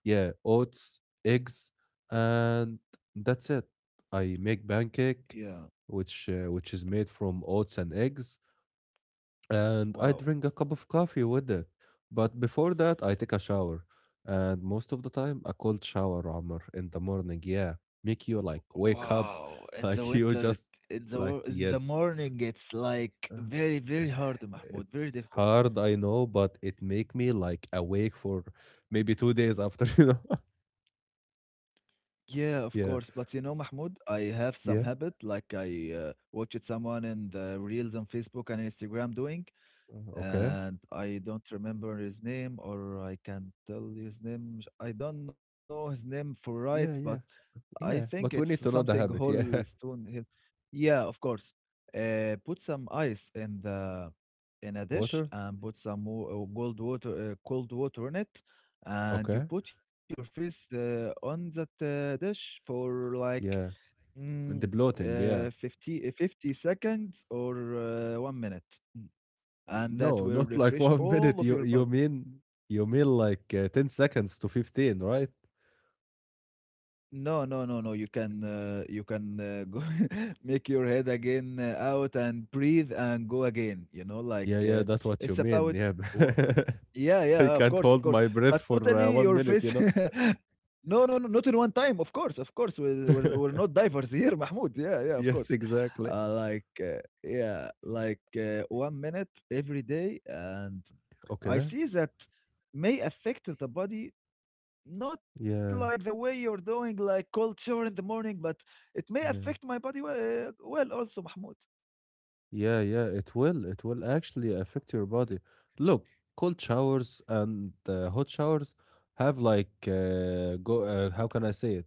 [SPEAKER 1] yeah, oats, eggs, and that's it. I make pancake,
[SPEAKER 2] Yeah.
[SPEAKER 1] which is made from oats and eggs and I
[SPEAKER 2] Wow.
[SPEAKER 1] drink a cup of coffee with it. But before that, I take a shower. And most of the time, a cold shower, Amr, in the morning, yeah, make you like wake up,
[SPEAKER 2] Wow. In the
[SPEAKER 1] [laughs] like
[SPEAKER 2] winter,
[SPEAKER 1] you
[SPEAKER 2] it,
[SPEAKER 1] just
[SPEAKER 2] in the wo-
[SPEAKER 1] like
[SPEAKER 2] in the
[SPEAKER 1] yes.
[SPEAKER 2] morning, it's like
[SPEAKER 1] Uh,
[SPEAKER 2] very, very
[SPEAKER 1] [sighs]
[SPEAKER 2] hard, Mahmoud. Very
[SPEAKER 1] It's
[SPEAKER 2] difficult.
[SPEAKER 1] hard, I know, but it make me like awake for maybe 2 days after, [laughs] you know.
[SPEAKER 2] Yeah, of course.
[SPEAKER 1] Yeah,
[SPEAKER 2] But you know, Mahmoud, I have some
[SPEAKER 1] yeah,
[SPEAKER 2] habit like I watched someone in the reels on Facebook and Instagram doing,
[SPEAKER 1] okay,
[SPEAKER 2] and I don't remember his name, or I can't tell his name. I don't know his name for right, but
[SPEAKER 1] yeah, yeah,
[SPEAKER 2] I think
[SPEAKER 1] yeah.
[SPEAKER 2] it's
[SPEAKER 1] But we need to
[SPEAKER 2] something
[SPEAKER 1] know the habit,
[SPEAKER 2] whole
[SPEAKER 1] yeah.
[SPEAKER 2] stone. Hill. Yeah, of course. Put some ice in the in a
[SPEAKER 1] [laughs]
[SPEAKER 2] dish,
[SPEAKER 1] Water,
[SPEAKER 2] and put some more cold water in it, and you
[SPEAKER 1] okay,
[SPEAKER 2] put your face on that dish for like
[SPEAKER 1] yeah,
[SPEAKER 2] mm,
[SPEAKER 1] and the bloating, yeah.
[SPEAKER 2] 50, 50 seconds or 1 minute, and that
[SPEAKER 1] No,
[SPEAKER 2] will
[SPEAKER 1] not [laughs] like
[SPEAKER 2] refresh
[SPEAKER 1] 1
[SPEAKER 2] all
[SPEAKER 1] minute.
[SPEAKER 2] of
[SPEAKER 1] You
[SPEAKER 2] your body.
[SPEAKER 1] you mean like, 10 seconds to 15, right?
[SPEAKER 2] No, no, no, no. You can go [laughs] make your head again out and breathe and go again. You know, like
[SPEAKER 1] Yeah, yeah, that's what you
[SPEAKER 2] it's
[SPEAKER 1] mean,
[SPEAKER 2] about
[SPEAKER 1] yeah.
[SPEAKER 2] wha-
[SPEAKER 1] [laughs]
[SPEAKER 2] yeah, yeah.
[SPEAKER 1] I
[SPEAKER 2] Of
[SPEAKER 1] can't
[SPEAKER 2] course, of
[SPEAKER 1] hold
[SPEAKER 2] course.
[SPEAKER 1] my breath
[SPEAKER 2] But
[SPEAKER 1] for,
[SPEAKER 2] totally
[SPEAKER 1] 1
[SPEAKER 2] your
[SPEAKER 1] minute, you
[SPEAKER 2] face.
[SPEAKER 1] know?
[SPEAKER 2] [laughs] No, no, no. Not in one time. Of course, of course. We're not
[SPEAKER 1] [laughs]
[SPEAKER 2] divers [laughs] here, Mahmoud. Yeah, yeah. Of course.
[SPEAKER 1] Yes, exactly.
[SPEAKER 2] Yeah, like, 1 minute every day, and I
[SPEAKER 1] Okay.
[SPEAKER 2] see that may affect the body not like the
[SPEAKER 1] Yeah,
[SPEAKER 2] way you're doing like cold shower in the morning, but it may affect my
[SPEAKER 1] yeah.
[SPEAKER 2] body well, well also, Mahmoud.
[SPEAKER 1] Yeah, yeah, it will. It will actually affect your body. Look, cold showers and, hot showers have like, go how can I say it?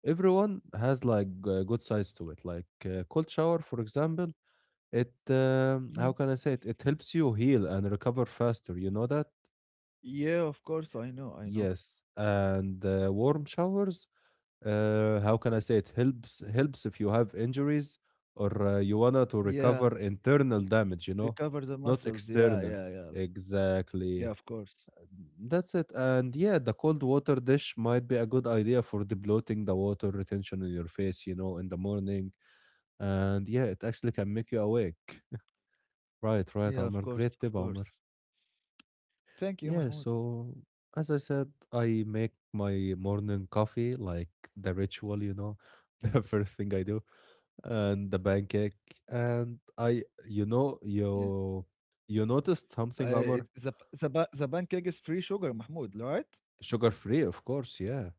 [SPEAKER 1] Everyone has like, good sides to it. Like, cold shower, for example, it,
[SPEAKER 2] Hmm.
[SPEAKER 1] how can I say it? It helps you heal and recover faster. You know that?
[SPEAKER 2] Yeah, of course, I know, I know.
[SPEAKER 1] Yes. And warm showers, how can I say it? Helps if you have injuries or you wanna to
[SPEAKER 2] Yeah,
[SPEAKER 1] recover internal damage. You know,
[SPEAKER 2] recover the
[SPEAKER 1] not
[SPEAKER 2] muscles. Yeah,
[SPEAKER 1] external.
[SPEAKER 2] yeah, yeah. Yeah,
[SPEAKER 1] Exactly.
[SPEAKER 2] of course.
[SPEAKER 1] That's it. And yeah, the cold water dish might be a good idea for debloating the water retention in your face. You know, in the morning. And yeah, it actually can make you awake. [laughs] Right, right,
[SPEAKER 2] Yeah, of
[SPEAKER 1] Omar.
[SPEAKER 2] course,
[SPEAKER 1] Great
[SPEAKER 2] of
[SPEAKER 1] tip, Omar.
[SPEAKER 2] course. Thank you,
[SPEAKER 1] Yeah,
[SPEAKER 2] Mahmoud.
[SPEAKER 1] so as I said, I make my morning coffee like the ritual, you know, [laughs] the first thing I do, and the pancake. And I, you know,
[SPEAKER 2] Yeah.
[SPEAKER 1] you noticed something,
[SPEAKER 2] It,
[SPEAKER 1] Amr?
[SPEAKER 2] the, p- the, ba- the pancake is free sugar, Mahmoud, right?
[SPEAKER 1] Sugar free, of course, yeah.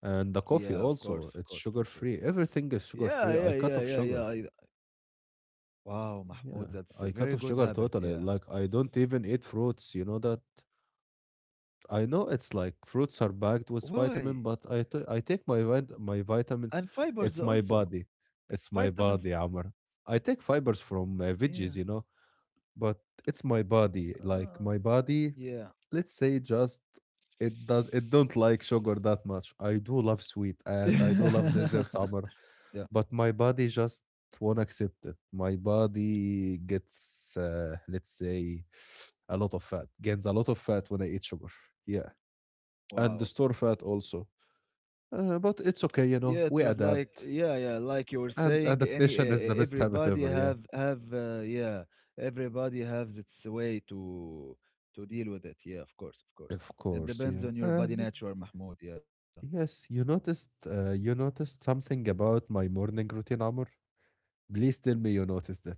[SPEAKER 1] And the
[SPEAKER 2] Yeah,
[SPEAKER 1] coffee
[SPEAKER 2] of
[SPEAKER 1] also,
[SPEAKER 2] course,
[SPEAKER 1] it's
[SPEAKER 2] free sugar.
[SPEAKER 1] sugar free. Everything is
[SPEAKER 2] Yeah,
[SPEAKER 1] sugar
[SPEAKER 2] yeah,
[SPEAKER 1] free. I
[SPEAKER 2] yeah,
[SPEAKER 1] cut
[SPEAKER 2] yeah,
[SPEAKER 1] off
[SPEAKER 2] yeah.
[SPEAKER 1] sugar.
[SPEAKER 2] Wow,
[SPEAKER 1] Yeah,
[SPEAKER 2] Mahmoud, that's a
[SPEAKER 1] I
[SPEAKER 2] very
[SPEAKER 1] cut off
[SPEAKER 2] good
[SPEAKER 1] sugar
[SPEAKER 2] habit.
[SPEAKER 1] totally.
[SPEAKER 2] Yeah.
[SPEAKER 1] Like I don't even eat fruits, you know that? I know it's like fruits are packed with
[SPEAKER 2] Why?
[SPEAKER 1] vitamin, but I take my
[SPEAKER 2] And
[SPEAKER 1] vitamins.
[SPEAKER 2] fibers
[SPEAKER 1] It's my
[SPEAKER 2] also.
[SPEAKER 1] body. It's my
[SPEAKER 2] Vitamins,
[SPEAKER 1] body, Amr. I take fibers from
[SPEAKER 2] yeah,
[SPEAKER 1] veggies, you know, but it's my body. Like
[SPEAKER 2] uh,
[SPEAKER 1] my body,
[SPEAKER 2] yeah.
[SPEAKER 1] let's say just it does it don't like sugar that much. I do love sweet and I do love
[SPEAKER 2] [laughs]
[SPEAKER 1] desserts, Amr,
[SPEAKER 2] Yeah,
[SPEAKER 1] but my body just won't accept it. My body gets let's say a lot of fat, gains a lot of fat when I eat sugar. Yeah, and the
[SPEAKER 2] wow.
[SPEAKER 1] store fat also. But it's
[SPEAKER 2] Yeah,
[SPEAKER 1] okay, you
[SPEAKER 2] it was
[SPEAKER 1] know, we
[SPEAKER 2] like yeah,
[SPEAKER 1] adapt.
[SPEAKER 2] yeah, like you were saying,
[SPEAKER 1] And
[SPEAKER 2] any e
[SPEAKER 1] adaptation
[SPEAKER 2] e
[SPEAKER 1] is the best habit
[SPEAKER 2] everybody
[SPEAKER 1] ever, yeah.
[SPEAKER 2] have yeah, everybody has its way to deal with it. Yeah, of course, of course.
[SPEAKER 1] Of
[SPEAKER 2] It
[SPEAKER 1] course,
[SPEAKER 2] depends
[SPEAKER 1] yeah.
[SPEAKER 2] on your body
[SPEAKER 1] And
[SPEAKER 2] nature, Mahmoud, yeah.
[SPEAKER 1] yes, you noticed something about my morning routine, Amr? Please tell me you noticed it.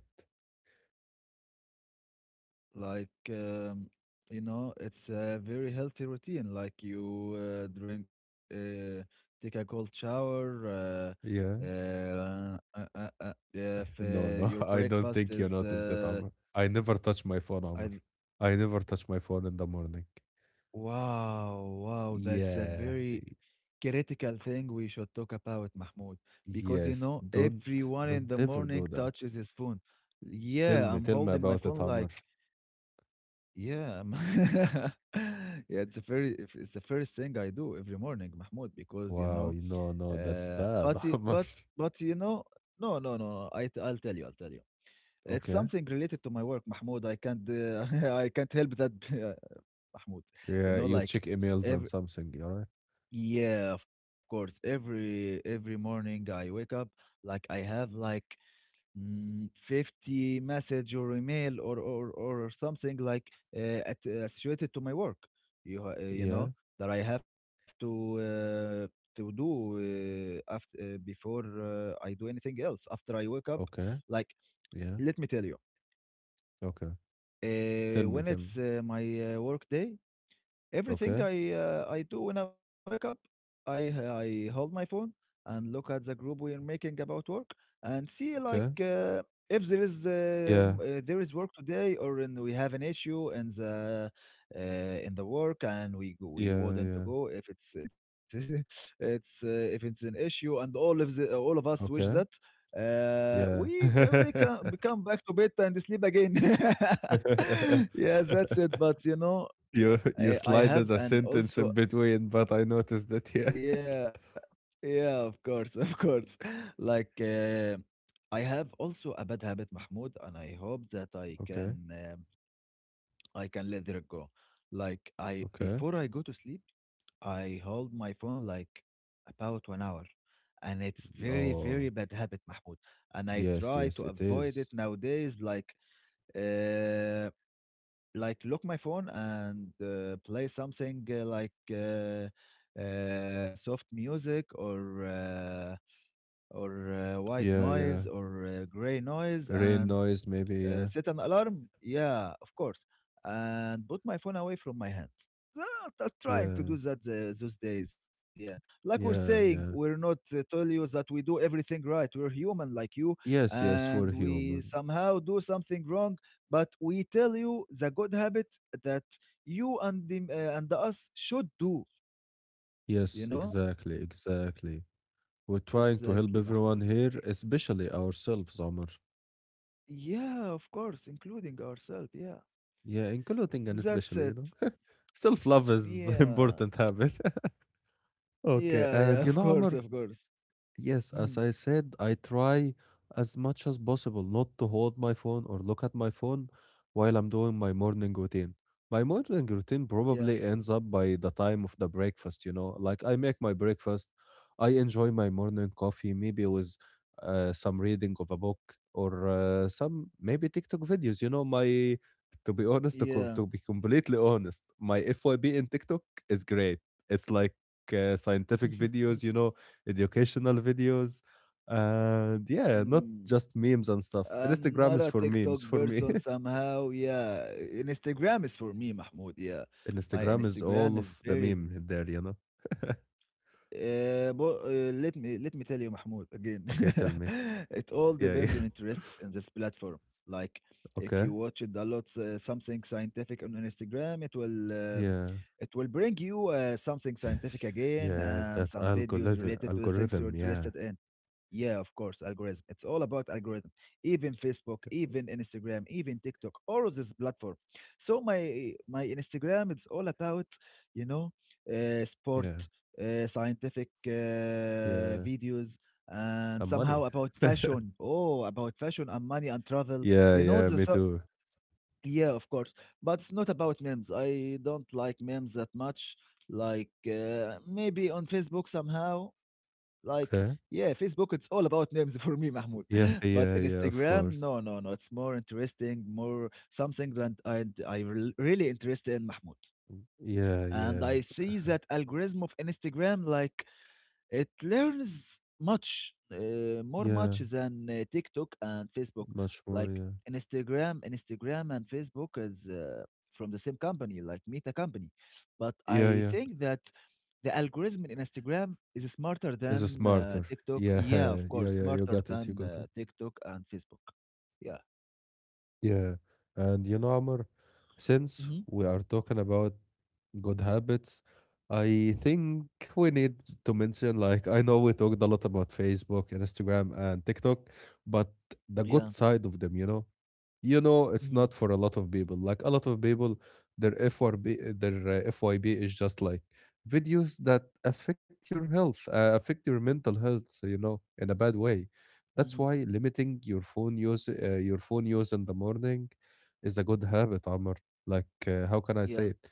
[SPEAKER 2] Like, it's a very healthy routine. Like you uh, drink, uh, take a cold shower,
[SPEAKER 1] Yeah.
[SPEAKER 2] if
[SPEAKER 1] No, no,
[SPEAKER 2] your
[SPEAKER 1] [laughs] I don't
[SPEAKER 2] breakfast
[SPEAKER 1] think you
[SPEAKER 2] is,
[SPEAKER 1] noticed that, Amr. I never touch my phone,
[SPEAKER 2] I,
[SPEAKER 1] Amr. I never touch my phone in the morning.
[SPEAKER 2] wow, wow, that's a
[SPEAKER 1] Yeah.
[SPEAKER 2] very critical thing we should talk about, Mahmoud, because you
[SPEAKER 1] Yes.
[SPEAKER 2] know, everyone in
[SPEAKER 1] Don't
[SPEAKER 2] the
[SPEAKER 1] ever
[SPEAKER 2] morning
[SPEAKER 1] do that.
[SPEAKER 2] touches his phone. Yeah, I'm
[SPEAKER 1] Tell me
[SPEAKER 2] holding my
[SPEAKER 1] about it,
[SPEAKER 2] phone
[SPEAKER 1] Amr.
[SPEAKER 2] like, yeah, [laughs] yeah, it's the very if- it's the first thing I do every morning, Mahmoud, because you
[SPEAKER 1] Wow,
[SPEAKER 2] know,
[SPEAKER 1] you know, no, that's bad.
[SPEAKER 2] but
[SPEAKER 1] [laughs]
[SPEAKER 2] y-
[SPEAKER 1] How
[SPEAKER 2] but but you know, no, no, no, no, I'll tell you, I'll tell you. It's
[SPEAKER 1] okay.
[SPEAKER 2] something related to my work, Mahmoud. I can't [laughs] I can't help that, [laughs] Mahmoud.
[SPEAKER 1] Yeah, you
[SPEAKER 2] You know,
[SPEAKER 1] check
[SPEAKER 2] like
[SPEAKER 1] emails and
[SPEAKER 2] every
[SPEAKER 1] something, all right?
[SPEAKER 2] yeah, of course, every morning I wake up, like I have like 50 message or email or something like associated to my work, you
[SPEAKER 1] Yeah.
[SPEAKER 2] know, that I have to do, after before I do anything else after I wake up.
[SPEAKER 1] Okay.
[SPEAKER 2] Like,
[SPEAKER 1] Yeah.
[SPEAKER 2] let me tell you,
[SPEAKER 1] Okay. Tell me,
[SPEAKER 2] when
[SPEAKER 1] tell me.
[SPEAKER 2] it's my work day, everything
[SPEAKER 1] Okay.
[SPEAKER 2] I do when I wake up, I I hold my phone and look at the group we are making about work and see like,
[SPEAKER 1] Okay.
[SPEAKER 2] if there is
[SPEAKER 1] Yeah.
[SPEAKER 2] um, uh, there is work today, or and we have an issue in the work, and we
[SPEAKER 1] Yeah.
[SPEAKER 2] wouldn't to
[SPEAKER 1] Yeah.
[SPEAKER 2] go. If it's [laughs] it's if it's an issue, and all of us wish
[SPEAKER 1] Okay.
[SPEAKER 2] that, Uh,
[SPEAKER 1] Yeah.
[SPEAKER 2] we ca- we can come back to bed and sleep again. [laughs]
[SPEAKER 1] [laughs]
[SPEAKER 2] Yeah, that's it. But you know,
[SPEAKER 1] You
[SPEAKER 2] I have,
[SPEAKER 1] slided a
[SPEAKER 2] and
[SPEAKER 1] sentence in
[SPEAKER 2] also
[SPEAKER 1] between, but I noticed that yeah. [laughs]
[SPEAKER 2] yeah, yeah, of course, of course. [laughs] Like, I have also a bad habit, Mahmoud, and I hope that
[SPEAKER 1] Okay.
[SPEAKER 2] um, I can let it go. Like, I
[SPEAKER 1] Okay.
[SPEAKER 2] before I go to sleep, I hold my phone like about 1 hour, and it's very very
[SPEAKER 1] Oh,
[SPEAKER 2] bad habit, Mahmoud. And I
[SPEAKER 1] yes.
[SPEAKER 2] try
[SPEAKER 1] Yes,
[SPEAKER 2] to
[SPEAKER 1] it
[SPEAKER 2] avoid it
[SPEAKER 1] is.
[SPEAKER 2] nowadays. Like, uh, lock my phone and play something like, soft music, or white
[SPEAKER 1] Yeah.
[SPEAKER 2] noise,
[SPEAKER 1] Yeah.
[SPEAKER 2] or gray noise,
[SPEAKER 1] Rain
[SPEAKER 2] and
[SPEAKER 1] noise, maybe. Yeah.
[SPEAKER 2] set an alarm. Yeah, of course. And put my phone away from my hands. Trying to
[SPEAKER 1] Yeah.
[SPEAKER 2] do that those days, yeah. Like we're
[SPEAKER 1] Yeah.
[SPEAKER 2] saying,
[SPEAKER 1] Yeah.
[SPEAKER 2] we're not tell you that we do everything right. We're human like you,
[SPEAKER 1] Yes, yes, we're
[SPEAKER 2] and we
[SPEAKER 1] human.
[SPEAKER 2] somehow do something wrong. But we tell you the good habit that you and and us should do. You know
[SPEAKER 1] Yes, exactly, exactly. We're trying to
[SPEAKER 2] exactly,
[SPEAKER 1] help
[SPEAKER 2] Mahmoud.
[SPEAKER 1] everyone
[SPEAKER 2] Exactly.
[SPEAKER 1] here, especially ourselves, Omar.
[SPEAKER 2] Yeah, of course, including ourselves. Yeah,
[SPEAKER 1] Yeah, including and
[SPEAKER 2] that's
[SPEAKER 1] especially, you
[SPEAKER 2] it.
[SPEAKER 1] know. [laughs] Self love is [laughs]
[SPEAKER 2] Yeah.
[SPEAKER 1] important habit. [laughs] Okay,
[SPEAKER 2] Yeah, yeah,
[SPEAKER 1] and you
[SPEAKER 2] of
[SPEAKER 1] know,
[SPEAKER 2] course,
[SPEAKER 1] Omar,
[SPEAKER 2] of course.
[SPEAKER 1] yes, as
[SPEAKER 2] Mhm.
[SPEAKER 1] I said, I try as much as possible not to hold my phone or look at my phone while I'm doing my morning routine. My morning routine
[SPEAKER 2] Yeah,
[SPEAKER 1] probably ends up by the time of the breakfast, you know. Like I make my breakfast, I enjoy my morning coffee, maybe with some reading of a book or some maybe TikTok videos, you know. My To be honest, to be
[SPEAKER 2] yeah.
[SPEAKER 1] completely honest, my FYB in TikTok is great. It's like scientific
[SPEAKER 2] [laughs]
[SPEAKER 1] videos, you know, educational videos, and yeah, not
[SPEAKER 2] Mm,
[SPEAKER 1] just memes and stuff.
[SPEAKER 2] I'm
[SPEAKER 1] Instagram
[SPEAKER 2] not
[SPEAKER 1] is
[SPEAKER 2] a
[SPEAKER 1] for
[SPEAKER 2] TikTok
[SPEAKER 1] memes for me.
[SPEAKER 2] person
[SPEAKER 1] [laughs]
[SPEAKER 2] somehow. Yeah, Instagram is for me, Mahmoud. Yeah, my
[SPEAKER 1] Instagram is all
[SPEAKER 2] Instagram is
[SPEAKER 1] of the
[SPEAKER 2] very.
[SPEAKER 1] meme there, you know.
[SPEAKER 2] But let me tell you, Mahmoud, again.
[SPEAKER 1] Okay, tell me.
[SPEAKER 2] [laughs] It all
[SPEAKER 1] Yeah, yeah.
[SPEAKER 2] depends on interests in this platform. Like,
[SPEAKER 1] [laughs] Okay.
[SPEAKER 2] if you watch it a lot, something scientific on Instagram, it will uh,
[SPEAKER 1] Yeah.
[SPEAKER 2] bring you something scientific
[SPEAKER 1] [sighs]
[SPEAKER 2] again,
[SPEAKER 1] Yeah, that
[SPEAKER 2] and some videos related to the things you're
[SPEAKER 1] algorithm, yeah.
[SPEAKER 2] interested in. Yeah, of course, algorithm. It's all about algorithm. Even Facebook, even Instagram, even TikTok, all of this platform. So my Instagram, it's all about, you know sport,
[SPEAKER 1] Yeah.
[SPEAKER 2] scientific
[SPEAKER 1] Yeah.
[SPEAKER 2] videos, and
[SPEAKER 1] And
[SPEAKER 2] somehow
[SPEAKER 1] money.
[SPEAKER 2] about fashion. Oh, about fashion and money and travel.
[SPEAKER 1] Yeah,
[SPEAKER 2] You know,
[SPEAKER 1] yeah,
[SPEAKER 2] the
[SPEAKER 1] me
[SPEAKER 2] so
[SPEAKER 1] too.
[SPEAKER 2] yeah, of course, but it's not about memes. I don't like memes that much. Like, maybe on Facebook somehow, like,
[SPEAKER 1] Okay.
[SPEAKER 2] yeah, Facebook, it's all about names [laughs] for me, Mahmoud.
[SPEAKER 1] Yeah,
[SPEAKER 2] [laughs] But
[SPEAKER 1] yeah,
[SPEAKER 2] in
[SPEAKER 1] yeah, of
[SPEAKER 2] Instagram,
[SPEAKER 1] course.
[SPEAKER 2] no, no, no. It's more interesting, more something that really interested in, Mahmoud.
[SPEAKER 1] Yeah,
[SPEAKER 2] And
[SPEAKER 1] yeah.
[SPEAKER 2] I see
[SPEAKER 1] Uh-huh.
[SPEAKER 2] that algorithm of Instagram, like, it learns more much
[SPEAKER 1] Yeah,
[SPEAKER 2] than TikTok and Facebook.
[SPEAKER 1] much more,
[SPEAKER 2] Like,
[SPEAKER 1] yeah.
[SPEAKER 2] Instagram, and Facebook is from the same company, like Meta company. But
[SPEAKER 1] Yeah,
[SPEAKER 2] I
[SPEAKER 1] yeah.
[SPEAKER 2] think that the algorithm in Instagram is smarter
[SPEAKER 1] Is a
[SPEAKER 2] than
[SPEAKER 1] smarter.
[SPEAKER 2] TikTok.
[SPEAKER 1] Yeah,
[SPEAKER 2] Yeah, of
[SPEAKER 1] [laughs] yeah,
[SPEAKER 2] course,
[SPEAKER 1] yeah, you
[SPEAKER 2] smarter
[SPEAKER 1] got it, you
[SPEAKER 2] than
[SPEAKER 1] got it.
[SPEAKER 2] TikTok and Facebook. Yeah.
[SPEAKER 1] Yeah. And you know, Amr, since
[SPEAKER 2] Hmm.
[SPEAKER 1] we are talking about good habits, I think we need to mention like, I know we talked a lot about Facebook and Instagram and TikTok, but
[SPEAKER 2] Yeah.
[SPEAKER 1] the good side of them, you know? You know,
[SPEAKER 2] Hmm.
[SPEAKER 1] it's not for a lot of people. Like a lot of people, their FYB, their FYB is just like videos that affect your health, affect your mental health. So, you know, in a bad way.
[SPEAKER 2] Hmm.
[SPEAKER 1] That's why limiting your phone use in the morning, is a good habit, Amr. Like, how
[SPEAKER 2] Yeah.
[SPEAKER 1] can I say it?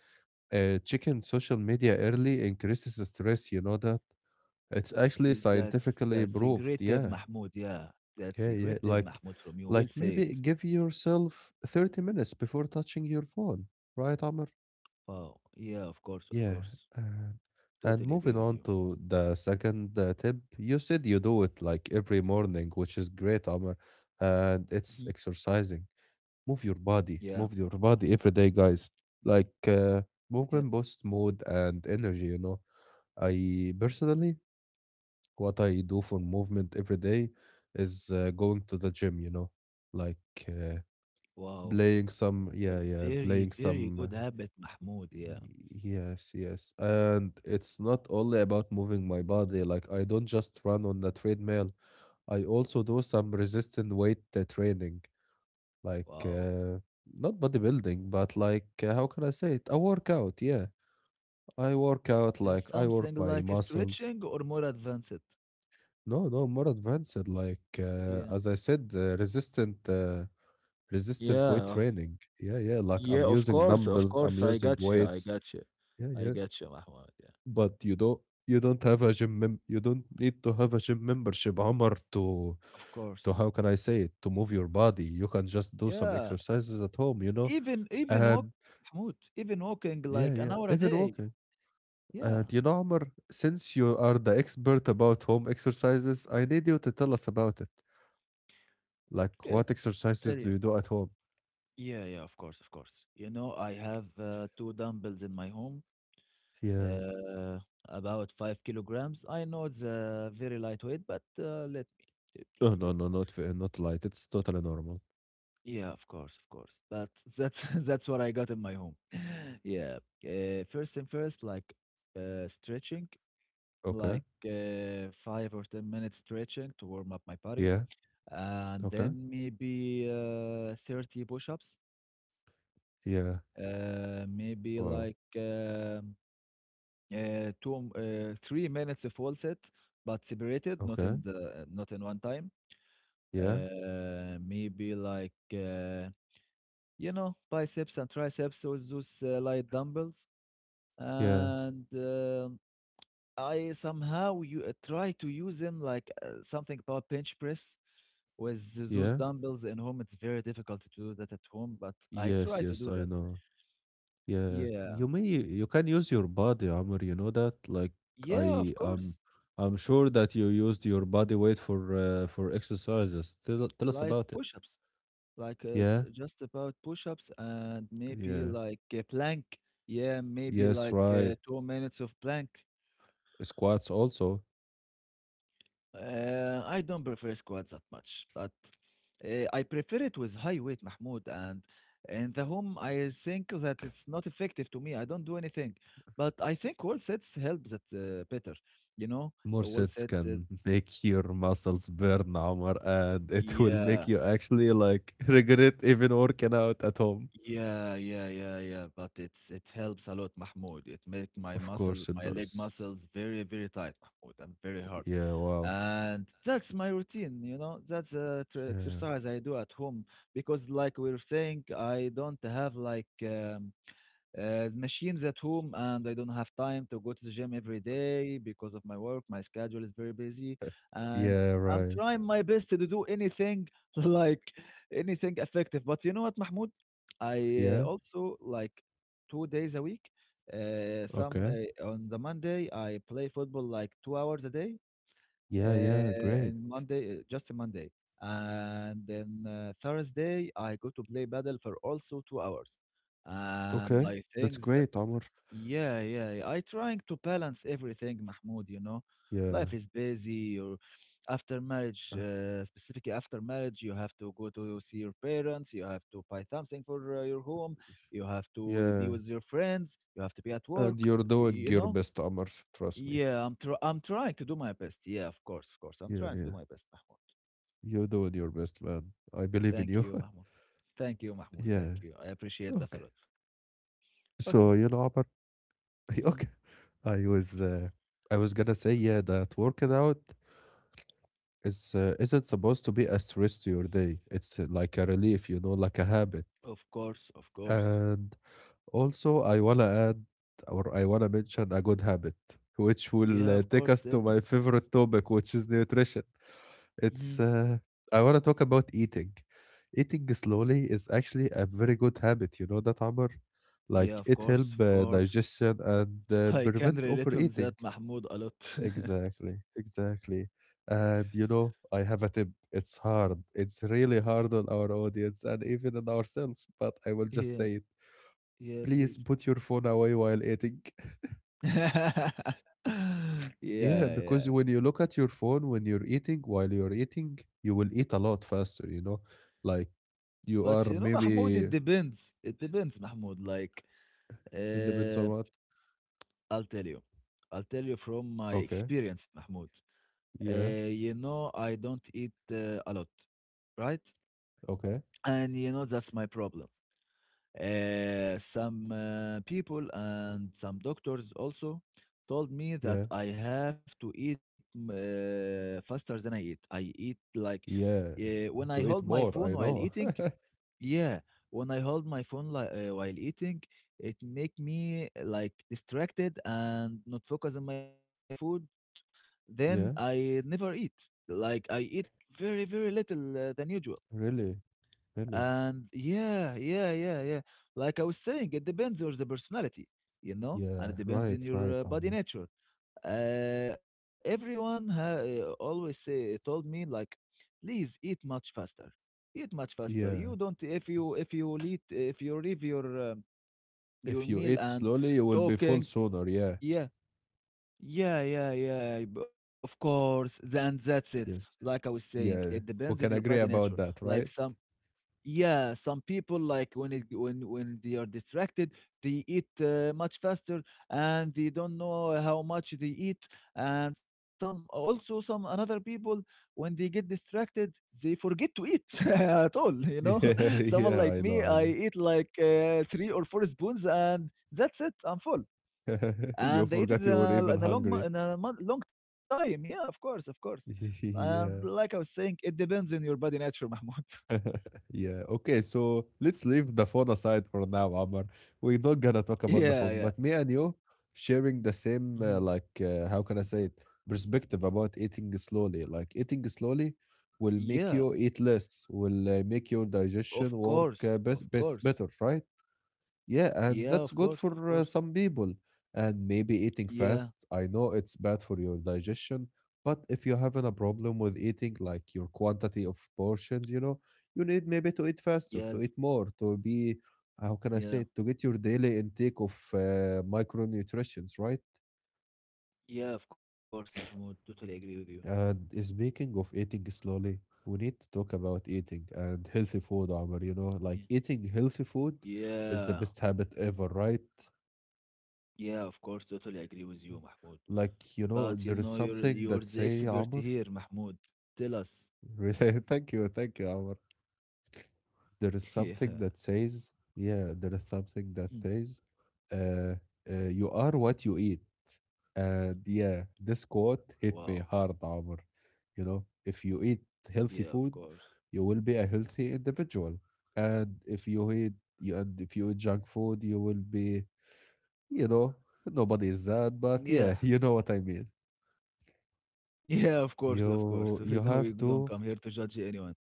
[SPEAKER 1] Checking social media early increases the stress. You know that it's
[SPEAKER 2] That's
[SPEAKER 1] actually
[SPEAKER 2] that's a great tip,
[SPEAKER 1] scientifically
[SPEAKER 2] Mahmoud.
[SPEAKER 1] proved. Yeah.
[SPEAKER 2] Yeah. That's a great tip,
[SPEAKER 1] Okay, yeah,
[SPEAKER 2] Mahmoud, from you. Well said.
[SPEAKER 1] like maybe give yourself 30 minutes before touching your phone, right, Amr?
[SPEAKER 2] Wow. Yeah, of course, of course.
[SPEAKER 1] Yeah. And,
[SPEAKER 2] Totally agree
[SPEAKER 1] and
[SPEAKER 2] with you.
[SPEAKER 1] moving on to the second tip, you said you do it like every morning, which is great, Amr. And
[SPEAKER 2] Mhm.
[SPEAKER 1] it's exercising.
[SPEAKER 2] Yeah,
[SPEAKER 1] Move your body every day, guys. Like
[SPEAKER 2] yeah.
[SPEAKER 1] movement boosts mood and energy, you know. I personally, what I do for movement every day is going to the gym, you know, like uh,
[SPEAKER 2] Wow.
[SPEAKER 1] playing some,
[SPEAKER 2] A
[SPEAKER 1] yeah, yeah,
[SPEAKER 2] very,
[SPEAKER 1] playing
[SPEAKER 2] very
[SPEAKER 1] some.
[SPEAKER 2] good habit, Mahmoud. Yeah.
[SPEAKER 1] Y- Yes, yes. And it's not only about moving my body. Like, I don't just run on the treadmill, I also do some resistant weight training, like,
[SPEAKER 2] Wow.
[SPEAKER 1] not bodybuilding, but like, how can I say it? A workout, yeah. I work out,
[SPEAKER 2] It's
[SPEAKER 1] like, I work
[SPEAKER 2] something
[SPEAKER 1] my
[SPEAKER 2] like
[SPEAKER 1] muscles.
[SPEAKER 2] stretching or more advanced.
[SPEAKER 1] No, no, more advanced, like,
[SPEAKER 2] Yeah.
[SPEAKER 1] as I said, resistant. Resistant weight
[SPEAKER 2] Yeah,
[SPEAKER 1] training. Yeah, yeah. Like
[SPEAKER 2] yeah,
[SPEAKER 1] I'm
[SPEAKER 2] of
[SPEAKER 1] using
[SPEAKER 2] course, of
[SPEAKER 1] dumbbells, I'm
[SPEAKER 2] course. I
[SPEAKER 1] using
[SPEAKER 2] got you. I
[SPEAKER 1] weights.
[SPEAKER 2] got you.
[SPEAKER 1] Yeah,
[SPEAKER 2] I
[SPEAKER 1] yeah.
[SPEAKER 2] got you, Mahmoud. Yeah.
[SPEAKER 1] But you don't have a gym mem you don't need to have a gym membership, Omar,
[SPEAKER 2] Of
[SPEAKER 1] to how
[SPEAKER 2] course.
[SPEAKER 1] can I say it, to move your body. You can just do some
[SPEAKER 2] Yeah.
[SPEAKER 1] exercises at home, you know?
[SPEAKER 2] Even walk,
[SPEAKER 1] And
[SPEAKER 2] Mahmoud, even walking
[SPEAKER 1] yeah,
[SPEAKER 2] like an
[SPEAKER 1] yeah,
[SPEAKER 2] hour a
[SPEAKER 1] even
[SPEAKER 2] day.
[SPEAKER 1] walking.
[SPEAKER 2] Yeah.
[SPEAKER 1] And you know, Omar, since you are the expert about home exercises, I need you to tell us about it. Like
[SPEAKER 2] Yeah.
[SPEAKER 1] what
[SPEAKER 2] I'll tell
[SPEAKER 1] exercises do
[SPEAKER 2] you.
[SPEAKER 1] you do at home?
[SPEAKER 2] Yeah, yeah, of course, of course. You know, I have two dumbbells in my home,
[SPEAKER 1] Yeah.
[SPEAKER 2] uh, about 5 kilograms. I know it's very lightweight, but let me
[SPEAKER 1] Oh no,
[SPEAKER 2] please.
[SPEAKER 1] no, not light. It's totally normal.
[SPEAKER 2] Yeah, of course, of course. But that's [laughs] that's what I got in my home. [laughs] Yeah. First and first, like, stretching,
[SPEAKER 1] Okay.
[SPEAKER 2] like, 5 or 10 minutes stretching to warm up my body,
[SPEAKER 1] Yeah.
[SPEAKER 2] and
[SPEAKER 1] Okay.
[SPEAKER 2] then maybe 30 push-ups.
[SPEAKER 1] Yeah.
[SPEAKER 2] Maybe
[SPEAKER 1] Wow.
[SPEAKER 2] like. Two, 3 minutes of wall sets, but separated, not in
[SPEAKER 1] Okay.
[SPEAKER 2] not in one time.
[SPEAKER 1] Yeah.
[SPEAKER 2] Maybe like biceps and triceps with those light dumbbells,
[SPEAKER 1] Yeah.
[SPEAKER 2] and I somehow you try to use them like something about bench press with those
[SPEAKER 1] Yeah.
[SPEAKER 2] dumbbells in home. It's very difficult to do that at home, but I
[SPEAKER 1] Yes,
[SPEAKER 2] try to
[SPEAKER 1] yes,
[SPEAKER 2] do
[SPEAKER 1] I
[SPEAKER 2] that.
[SPEAKER 1] know. Yeah,
[SPEAKER 2] Yeah,
[SPEAKER 1] you can use your body, Amr. You know that? Like
[SPEAKER 2] yeah,
[SPEAKER 1] I
[SPEAKER 2] of
[SPEAKER 1] um,
[SPEAKER 2] course,
[SPEAKER 1] I'm sure that you used your body weight for exercises. Tell us
[SPEAKER 2] like
[SPEAKER 1] about it.
[SPEAKER 2] push-ups. Like
[SPEAKER 1] Yeah,
[SPEAKER 2] just about push-ups and maybe
[SPEAKER 1] yeah,
[SPEAKER 2] like a plank. Yeah, maybe
[SPEAKER 1] yes,
[SPEAKER 2] like
[SPEAKER 1] right.
[SPEAKER 2] 2 minutes of plank.
[SPEAKER 1] Squats also.
[SPEAKER 2] I don't prefer squats that much, but I prefer it with high weight, Mahmoud. And in the home, I think that it's not effective to me. I don't do anything, but I think wall sets help that better. You know,
[SPEAKER 1] More
[SPEAKER 2] a wall
[SPEAKER 1] sets
[SPEAKER 2] set.
[SPEAKER 1] can [laughs] make your muscles burn, Amr, and it [laughs] will make
[SPEAKER 2] Yeah.
[SPEAKER 1] you actually like [laughs] regret even working out at home.
[SPEAKER 2] Yeah, yeah, yeah But it helps a lot, Mahmoud. It make my
[SPEAKER 1] Of
[SPEAKER 2] muscle,
[SPEAKER 1] course it
[SPEAKER 2] my leg
[SPEAKER 1] does.
[SPEAKER 2] muscles very, very tight, Mahmoud, and very hard.
[SPEAKER 1] Yeah. Wow.
[SPEAKER 2] And that's my routine, you know. That's a tr
[SPEAKER 1] Yeah.
[SPEAKER 2] exercise I do at home because, like we were saying, I don't have like machines at home, and I don't have time to go to the gym every day because of my work. My schedule is very busy, and
[SPEAKER 1] Yeah.
[SPEAKER 2] I'm
[SPEAKER 1] Right.
[SPEAKER 2] trying my best to do anything [laughs] like anything effective. But you know what, Mahmoud? I
[SPEAKER 1] Yeah.
[SPEAKER 2] also like 2 days a week. Some
[SPEAKER 1] Okay.
[SPEAKER 2] On the Monday I play football like 2 hours a day.
[SPEAKER 1] Yeah, yeah, great.
[SPEAKER 2] And Monday, just a Monday, and then Thursday I go to play paddle for also 2 hours. And
[SPEAKER 1] Okay,
[SPEAKER 2] I
[SPEAKER 1] that's
[SPEAKER 2] think
[SPEAKER 1] great, Amr.
[SPEAKER 2] yeah, yeah, yeah. I trying to balance everything, Mahmoud, you know.
[SPEAKER 1] Yeah,
[SPEAKER 2] Life is busy or after marriage,
[SPEAKER 1] uh,
[SPEAKER 2] specifically after marriage, you have to go to see your parents, you have to buy something for your home, you have to be
[SPEAKER 1] yeah.
[SPEAKER 2] with your friends, you have to be at work,
[SPEAKER 1] And you're doing
[SPEAKER 2] you
[SPEAKER 1] your
[SPEAKER 2] know?
[SPEAKER 1] best, Amr. Trust me.
[SPEAKER 2] Yeah, I'm trying to do my best. Yeah, of course, of course. I'm
[SPEAKER 1] Yeah,
[SPEAKER 2] trying to do
[SPEAKER 1] yeah.
[SPEAKER 2] my best, Mahmoud.
[SPEAKER 1] You're doing your best, man. I believe in
[SPEAKER 2] Thank
[SPEAKER 1] you.
[SPEAKER 2] you, Mahmoud. Thank you,
[SPEAKER 1] [laughs]
[SPEAKER 2] Mahmoud.
[SPEAKER 1] yeah.
[SPEAKER 2] Thank you. I appreciate that a
[SPEAKER 1] Okay.
[SPEAKER 2] lot. Okay.
[SPEAKER 1] So you know, Amr. [laughs]
[SPEAKER 2] Mhm.
[SPEAKER 1] Okay. I was, uh, I was gonna say, yeah, that working out is isn't supposed to be a stress to your day. It's like a relief, like a habit.
[SPEAKER 2] Of course, of course.
[SPEAKER 1] And also, I wanna add or I wanna mention a good habit, which will
[SPEAKER 2] Yeah, of
[SPEAKER 1] take
[SPEAKER 2] course.
[SPEAKER 1] us
[SPEAKER 2] Tell
[SPEAKER 1] to
[SPEAKER 2] me.
[SPEAKER 1] my favorite topic, which is nutrition. It's
[SPEAKER 2] Mm-hmm.
[SPEAKER 1] I wanna talk about eating. Eating slowly is actually a very good habit. You know that, Amr?
[SPEAKER 2] Yeah,
[SPEAKER 1] Like
[SPEAKER 2] of
[SPEAKER 1] it help
[SPEAKER 2] course, of course.
[SPEAKER 1] digestion and
[SPEAKER 2] [laughs] I can
[SPEAKER 1] prevent
[SPEAKER 2] relate on that,
[SPEAKER 1] overeating.
[SPEAKER 2] Mahmoud, a lot. [laughs]
[SPEAKER 1] Exactly, exactly. And you know, I have a tip. It's hard. It's really hard on our audience and even on ourselves. But I will just
[SPEAKER 2] Yeah,
[SPEAKER 1] say it.
[SPEAKER 2] yeah,
[SPEAKER 1] Please
[SPEAKER 2] please.
[SPEAKER 1] put your phone away while eating. [laughs]
[SPEAKER 2] [laughs]
[SPEAKER 1] Yeah,
[SPEAKER 2] Yeah,
[SPEAKER 1] because
[SPEAKER 2] yeah.
[SPEAKER 1] when you look at your phone when you're eating, while you're eating, you will eat a lot faster, you know? Like you
[SPEAKER 2] But
[SPEAKER 1] are
[SPEAKER 2] you know, Mahmoud, it
[SPEAKER 1] maybe
[SPEAKER 2] depends. It depends, Mahmoud.
[SPEAKER 1] it depends
[SPEAKER 2] Uh,
[SPEAKER 1] on what?
[SPEAKER 2] I'll tell you. I'll tell you from my
[SPEAKER 1] Okay.
[SPEAKER 2] experience, Mahmoud.
[SPEAKER 1] Yeah.
[SPEAKER 2] You know, I don't eat a lot, right?
[SPEAKER 1] Okay.
[SPEAKER 2] And you know, that's my problem. Some People and some doctors also told me
[SPEAKER 1] Yeah.
[SPEAKER 2] that I have to eat faster than I eat. I eat like
[SPEAKER 1] Yeah.
[SPEAKER 2] when I hold
[SPEAKER 1] To eat
[SPEAKER 2] my phone
[SPEAKER 1] more, I
[SPEAKER 2] while
[SPEAKER 1] know.
[SPEAKER 2] eating.
[SPEAKER 1] [laughs]
[SPEAKER 2] Yeah, when I hold my phone while eating, it make me like distracted and not focus on my food. Then
[SPEAKER 1] Yeah.
[SPEAKER 2] I never eat. Like I eat very very little than usual.
[SPEAKER 1] Really. Really.
[SPEAKER 2] And yeah, yeah, yeah. Like I was saying, it depends on the personality, you know, and it
[SPEAKER 1] Yeah.
[SPEAKER 2] depends on
[SPEAKER 1] Right. Right.
[SPEAKER 2] your body
[SPEAKER 1] Ami.
[SPEAKER 2] nature. Everyone always say told me like, please eat much faster, eat much faster. You
[SPEAKER 1] Yeah.
[SPEAKER 2] don't if you eat if you leave your
[SPEAKER 1] If you
[SPEAKER 2] meal
[SPEAKER 1] eat
[SPEAKER 2] and
[SPEAKER 1] slowly, you will be full
[SPEAKER 2] talking,
[SPEAKER 1] sooner. Yeah.
[SPEAKER 2] yeah. Yeah, yeah, of course. Then that's it. Like I
[SPEAKER 1] Yes.
[SPEAKER 2] was saying, it
[SPEAKER 1] Yeah.
[SPEAKER 2] depends on
[SPEAKER 1] We
[SPEAKER 2] your
[SPEAKER 1] can
[SPEAKER 2] body
[SPEAKER 1] agree
[SPEAKER 2] nature.
[SPEAKER 1] about that,
[SPEAKER 2] Like
[SPEAKER 1] right?
[SPEAKER 2] some yeah, some people like when it when they are distracted, they eat much faster and they don't know how much they eat. And some also some another people when they get distracted, they forget to eat [laughs] at all. You
[SPEAKER 1] [laughs]
[SPEAKER 2] know,
[SPEAKER 1] Yeah.
[SPEAKER 2] [laughs] someone
[SPEAKER 1] Yeah.
[SPEAKER 2] like
[SPEAKER 1] I
[SPEAKER 2] me,
[SPEAKER 1] know. I
[SPEAKER 2] I
[SPEAKER 1] know.
[SPEAKER 2] eat like three or four spoons and that's it. I'm full,
[SPEAKER 1] [laughs] You
[SPEAKER 2] and I eat it
[SPEAKER 1] forgot
[SPEAKER 2] in
[SPEAKER 1] you were even
[SPEAKER 2] in a long mo-
[SPEAKER 1] hungry.
[SPEAKER 2] in a mon- long time. Yeah, of course, of course.
[SPEAKER 1] [laughs]
[SPEAKER 2] And like I
[SPEAKER 1] Yeah.
[SPEAKER 2] was saying, it depends on your body nature, [laughs] Mahmoud.
[SPEAKER 1] [laughs] Yeah. Okay, so let's leave the phone aside for now, Amar. We're not gonna talk about the
[SPEAKER 2] Yeah,
[SPEAKER 1] phone,
[SPEAKER 2] yeah.
[SPEAKER 1] but me and you sharing the same,
[SPEAKER 2] Mm-hmm.
[SPEAKER 1] like, how can I say it, perspective about eating slowly. Like, eating slowly will
[SPEAKER 2] Yeah,
[SPEAKER 1] make you eat less, will make your
[SPEAKER 2] of
[SPEAKER 1] digestion work
[SPEAKER 2] course, of
[SPEAKER 1] best
[SPEAKER 2] course.
[SPEAKER 1] better, right? Yeah, and
[SPEAKER 2] Yeah,
[SPEAKER 1] that's
[SPEAKER 2] of
[SPEAKER 1] good
[SPEAKER 2] course, of
[SPEAKER 1] for
[SPEAKER 2] course.
[SPEAKER 1] some people. And maybe eating
[SPEAKER 2] Yeah,
[SPEAKER 1] fast, I know it's bad for your digestion, but if you're having a problem with eating, like your quantity of portions, you know, you need maybe to eat
[SPEAKER 2] yeah,
[SPEAKER 1] faster, to eat more, to be, how can I
[SPEAKER 2] yeah,
[SPEAKER 1] say, it, to get your daily intake of micronutrients, right?
[SPEAKER 2] yeah, of course, Mahmoud. Totally agree with you.
[SPEAKER 1] And speaking of eating slowly, we need to talk about eating and healthy food, Omar. You
[SPEAKER 2] Yeah,
[SPEAKER 1] know, like eating healthy food is the
[SPEAKER 2] yeah,
[SPEAKER 1] best habit ever, right?
[SPEAKER 2] yeah, of course, totally agree with you, Mahmoud.
[SPEAKER 1] Like, you know,
[SPEAKER 2] But you
[SPEAKER 1] there is
[SPEAKER 2] know, you're
[SPEAKER 1] something
[SPEAKER 2] you're
[SPEAKER 1] that
[SPEAKER 2] the
[SPEAKER 1] say,
[SPEAKER 2] expert
[SPEAKER 1] Amr.
[SPEAKER 2] here, Mahmoud. Tell us.
[SPEAKER 1] [laughs] Really, thank you, Amr. There is
[SPEAKER 2] [laughs] Yeah.
[SPEAKER 1] something that says, yeah, there is something that
[SPEAKER 2] Hmm.
[SPEAKER 1] says, uh, you are what you eat. And yeah, this quote hit
[SPEAKER 2] Wow.
[SPEAKER 1] me hard, Amr. You know, if you eat
[SPEAKER 2] Yeah,
[SPEAKER 1] healthy
[SPEAKER 2] of
[SPEAKER 1] food,
[SPEAKER 2] course.
[SPEAKER 1] you will be a healthy individual. And if you eat, and if you eat junk food, you will be, you know, nobody is that, but yeah, [laughs] you
[SPEAKER 2] Yeah.
[SPEAKER 1] know
[SPEAKER 2] [laughs]
[SPEAKER 1] what I mean.
[SPEAKER 2] Yeah, of course, of course.
[SPEAKER 1] You
[SPEAKER 2] [laughs]
[SPEAKER 1] you
[SPEAKER 2] We
[SPEAKER 1] have
[SPEAKER 2] don't
[SPEAKER 1] to
[SPEAKER 2] come here to judge anyone.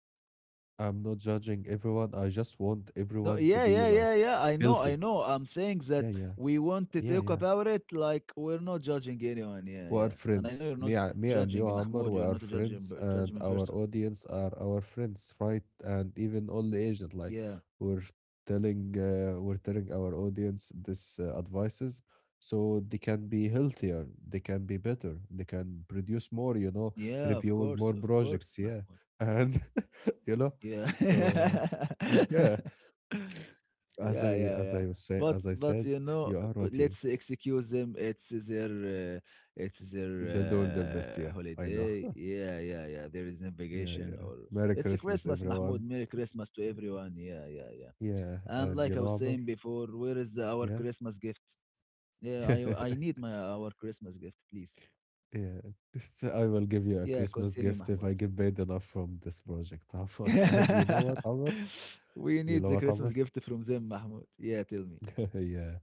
[SPEAKER 1] I'm not judging everyone. I just want
[SPEAKER 2] No,
[SPEAKER 1] everyone to
[SPEAKER 2] yeah,
[SPEAKER 1] be
[SPEAKER 2] yeah,
[SPEAKER 1] like
[SPEAKER 2] yeah, yeah. I know, I
[SPEAKER 1] healthy.
[SPEAKER 2] know. I'm saying that
[SPEAKER 1] Yeah, yeah,
[SPEAKER 2] we want to
[SPEAKER 1] yeah,
[SPEAKER 2] talk
[SPEAKER 1] yeah.
[SPEAKER 2] about it like we're not judging anyone. Yeah,
[SPEAKER 1] We are
[SPEAKER 2] yeah. And I know
[SPEAKER 1] friends.
[SPEAKER 2] you're not
[SPEAKER 1] Me
[SPEAKER 2] judging
[SPEAKER 1] and you,
[SPEAKER 2] Mahmoud. You're
[SPEAKER 1] Amr,
[SPEAKER 2] not a
[SPEAKER 1] we are friends,
[SPEAKER 2] judge him in
[SPEAKER 1] and
[SPEAKER 2] person.
[SPEAKER 1] our audience are our friends, right? And even all the Asian, like
[SPEAKER 2] Yeah,
[SPEAKER 1] we're we're telling our audience this advices, so they can be healthier, they can be better, they can produce more. You know,
[SPEAKER 2] yeah. Of
[SPEAKER 1] reviewing more
[SPEAKER 2] course,
[SPEAKER 1] projects.
[SPEAKER 2] Mahmoud.
[SPEAKER 1] Yeah, and [laughs] you know,
[SPEAKER 2] Yeah.
[SPEAKER 1] so yeah.
[SPEAKER 2] [laughs] Yeah, yeah,
[SPEAKER 1] As
[SPEAKER 2] yeah.
[SPEAKER 1] I was say
[SPEAKER 2] But
[SPEAKER 1] as I said,
[SPEAKER 2] you know,
[SPEAKER 1] you are
[SPEAKER 2] but
[SPEAKER 1] what you
[SPEAKER 2] let's excuse them. It's their
[SPEAKER 1] eat. They're doing their best. Yeah, I know.
[SPEAKER 2] holiday.
[SPEAKER 1] [laughs]
[SPEAKER 2] Yeah, yeah, yeah. There is no
[SPEAKER 1] yeah,
[SPEAKER 2] vacation
[SPEAKER 1] yeah.
[SPEAKER 2] or
[SPEAKER 1] Merry
[SPEAKER 2] it's a
[SPEAKER 1] Christmas,
[SPEAKER 2] Christmas, Mahmoud.
[SPEAKER 1] everyone.
[SPEAKER 2] Merry Christmas to everyone. Yeah, yeah, yeah.
[SPEAKER 1] Yeah,
[SPEAKER 2] And
[SPEAKER 1] and
[SPEAKER 2] like
[SPEAKER 1] you
[SPEAKER 2] I
[SPEAKER 1] know,
[SPEAKER 2] was
[SPEAKER 1] Amr.
[SPEAKER 2] saying before, where is our
[SPEAKER 1] Yeah,
[SPEAKER 2] Christmas gift? Yeah, I
[SPEAKER 1] [laughs]
[SPEAKER 2] need my our Christmas gift, please.
[SPEAKER 1] yeah. Just, I will give you a
[SPEAKER 2] Yeah,
[SPEAKER 1] Christmas
[SPEAKER 2] continue,
[SPEAKER 1] gift if
[SPEAKER 2] Mahmoud.
[SPEAKER 1] I get paid enough from this project, Amr. [laughs] And you know what,
[SPEAKER 2] [laughs]
[SPEAKER 1] Amr?
[SPEAKER 2] We
[SPEAKER 1] You
[SPEAKER 2] need
[SPEAKER 1] know
[SPEAKER 2] the
[SPEAKER 1] what, Amr?
[SPEAKER 2] Christmas gift from them, Mahmoud. Yeah, tell me.
[SPEAKER 1] [laughs] yeah.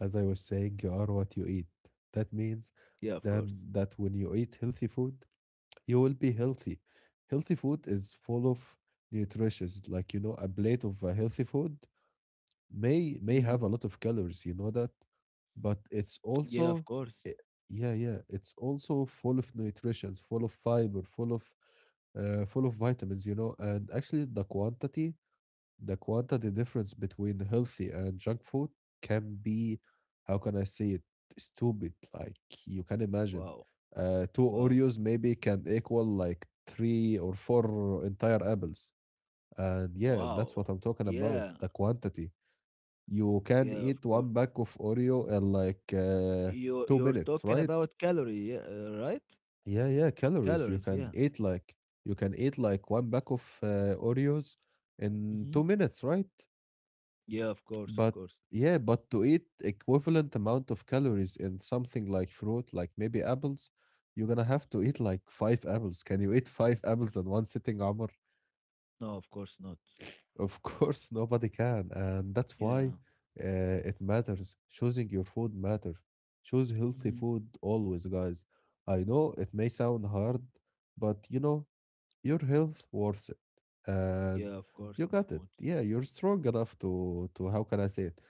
[SPEAKER 1] As I was saying, you are what you eat. That means
[SPEAKER 2] Yeah, of
[SPEAKER 1] then
[SPEAKER 2] course.
[SPEAKER 1] that when you eat healthy food, you will be healthy. Healthy food is full of nutrients. Like you know, a plate of healthy food
[SPEAKER 2] Mm,
[SPEAKER 1] may have a lot of calories. You know that, but it's
[SPEAKER 2] yeah, of
[SPEAKER 1] also
[SPEAKER 2] course.
[SPEAKER 1] i- yeah yeah it's also full of nutrients, full of fiber, full of vitamins. You know, and actually the quantity difference between healthy and junk food can be, how can I say it, stupid. Like you can imagine,
[SPEAKER 2] Wow,
[SPEAKER 1] two
[SPEAKER 2] wow,
[SPEAKER 1] Oreos maybe can equal like three or four entire apples. And yeah, that's
[SPEAKER 2] wow.
[SPEAKER 1] what I'm talking about,
[SPEAKER 2] Yeah,
[SPEAKER 1] the quantity. You can
[SPEAKER 2] yeah, of
[SPEAKER 1] eat
[SPEAKER 2] course.
[SPEAKER 1] one pack of Oreo in like
[SPEAKER 2] You
[SPEAKER 1] two
[SPEAKER 2] you're
[SPEAKER 1] minutes,
[SPEAKER 2] talking
[SPEAKER 1] right?
[SPEAKER 2] about calorie, yeah, right?
[SPEAKER 1] Yeah, yeah, calories.
[SPEAKER 2] Calories, yeah.
[SPEAKER 1] You can eat like one pack of Oreos in
[SPEAKER 2] Hmm.
[SPEAKER 1] 2 minutes, right?
[SPEAKER 2] Yeah, of course, of
[SPEAKER 1] But
[SPEAKER 2] course.
[SPEAKER 1] yeah, but to eat equivalent amount of calories in something like fruit, like maybe apples, you're gonna have to eat like five apples. Can you eat five apples in one sitting, Amr? [laughs]
[SPEAKER 2] No, of course not.
[SPEAKER 1] Of course, nobody can, and that's why
[SPEAKER 2] Yeah.
[SPEAKER 1] it matters. Choosing your food matters. Choose healthy
[SPEAKER 2] Hmm.
[SPEAKER 1] food always, guys. I know it may sound hard, but you know your health worth it. And
[SPEAKER 2] Yeah, of course,
[SPEAKER 1] you got it.
[SPEAKER 2] Mahmoud.
[SPEAKER 1] Yeah, you're strong enough to how can I say it?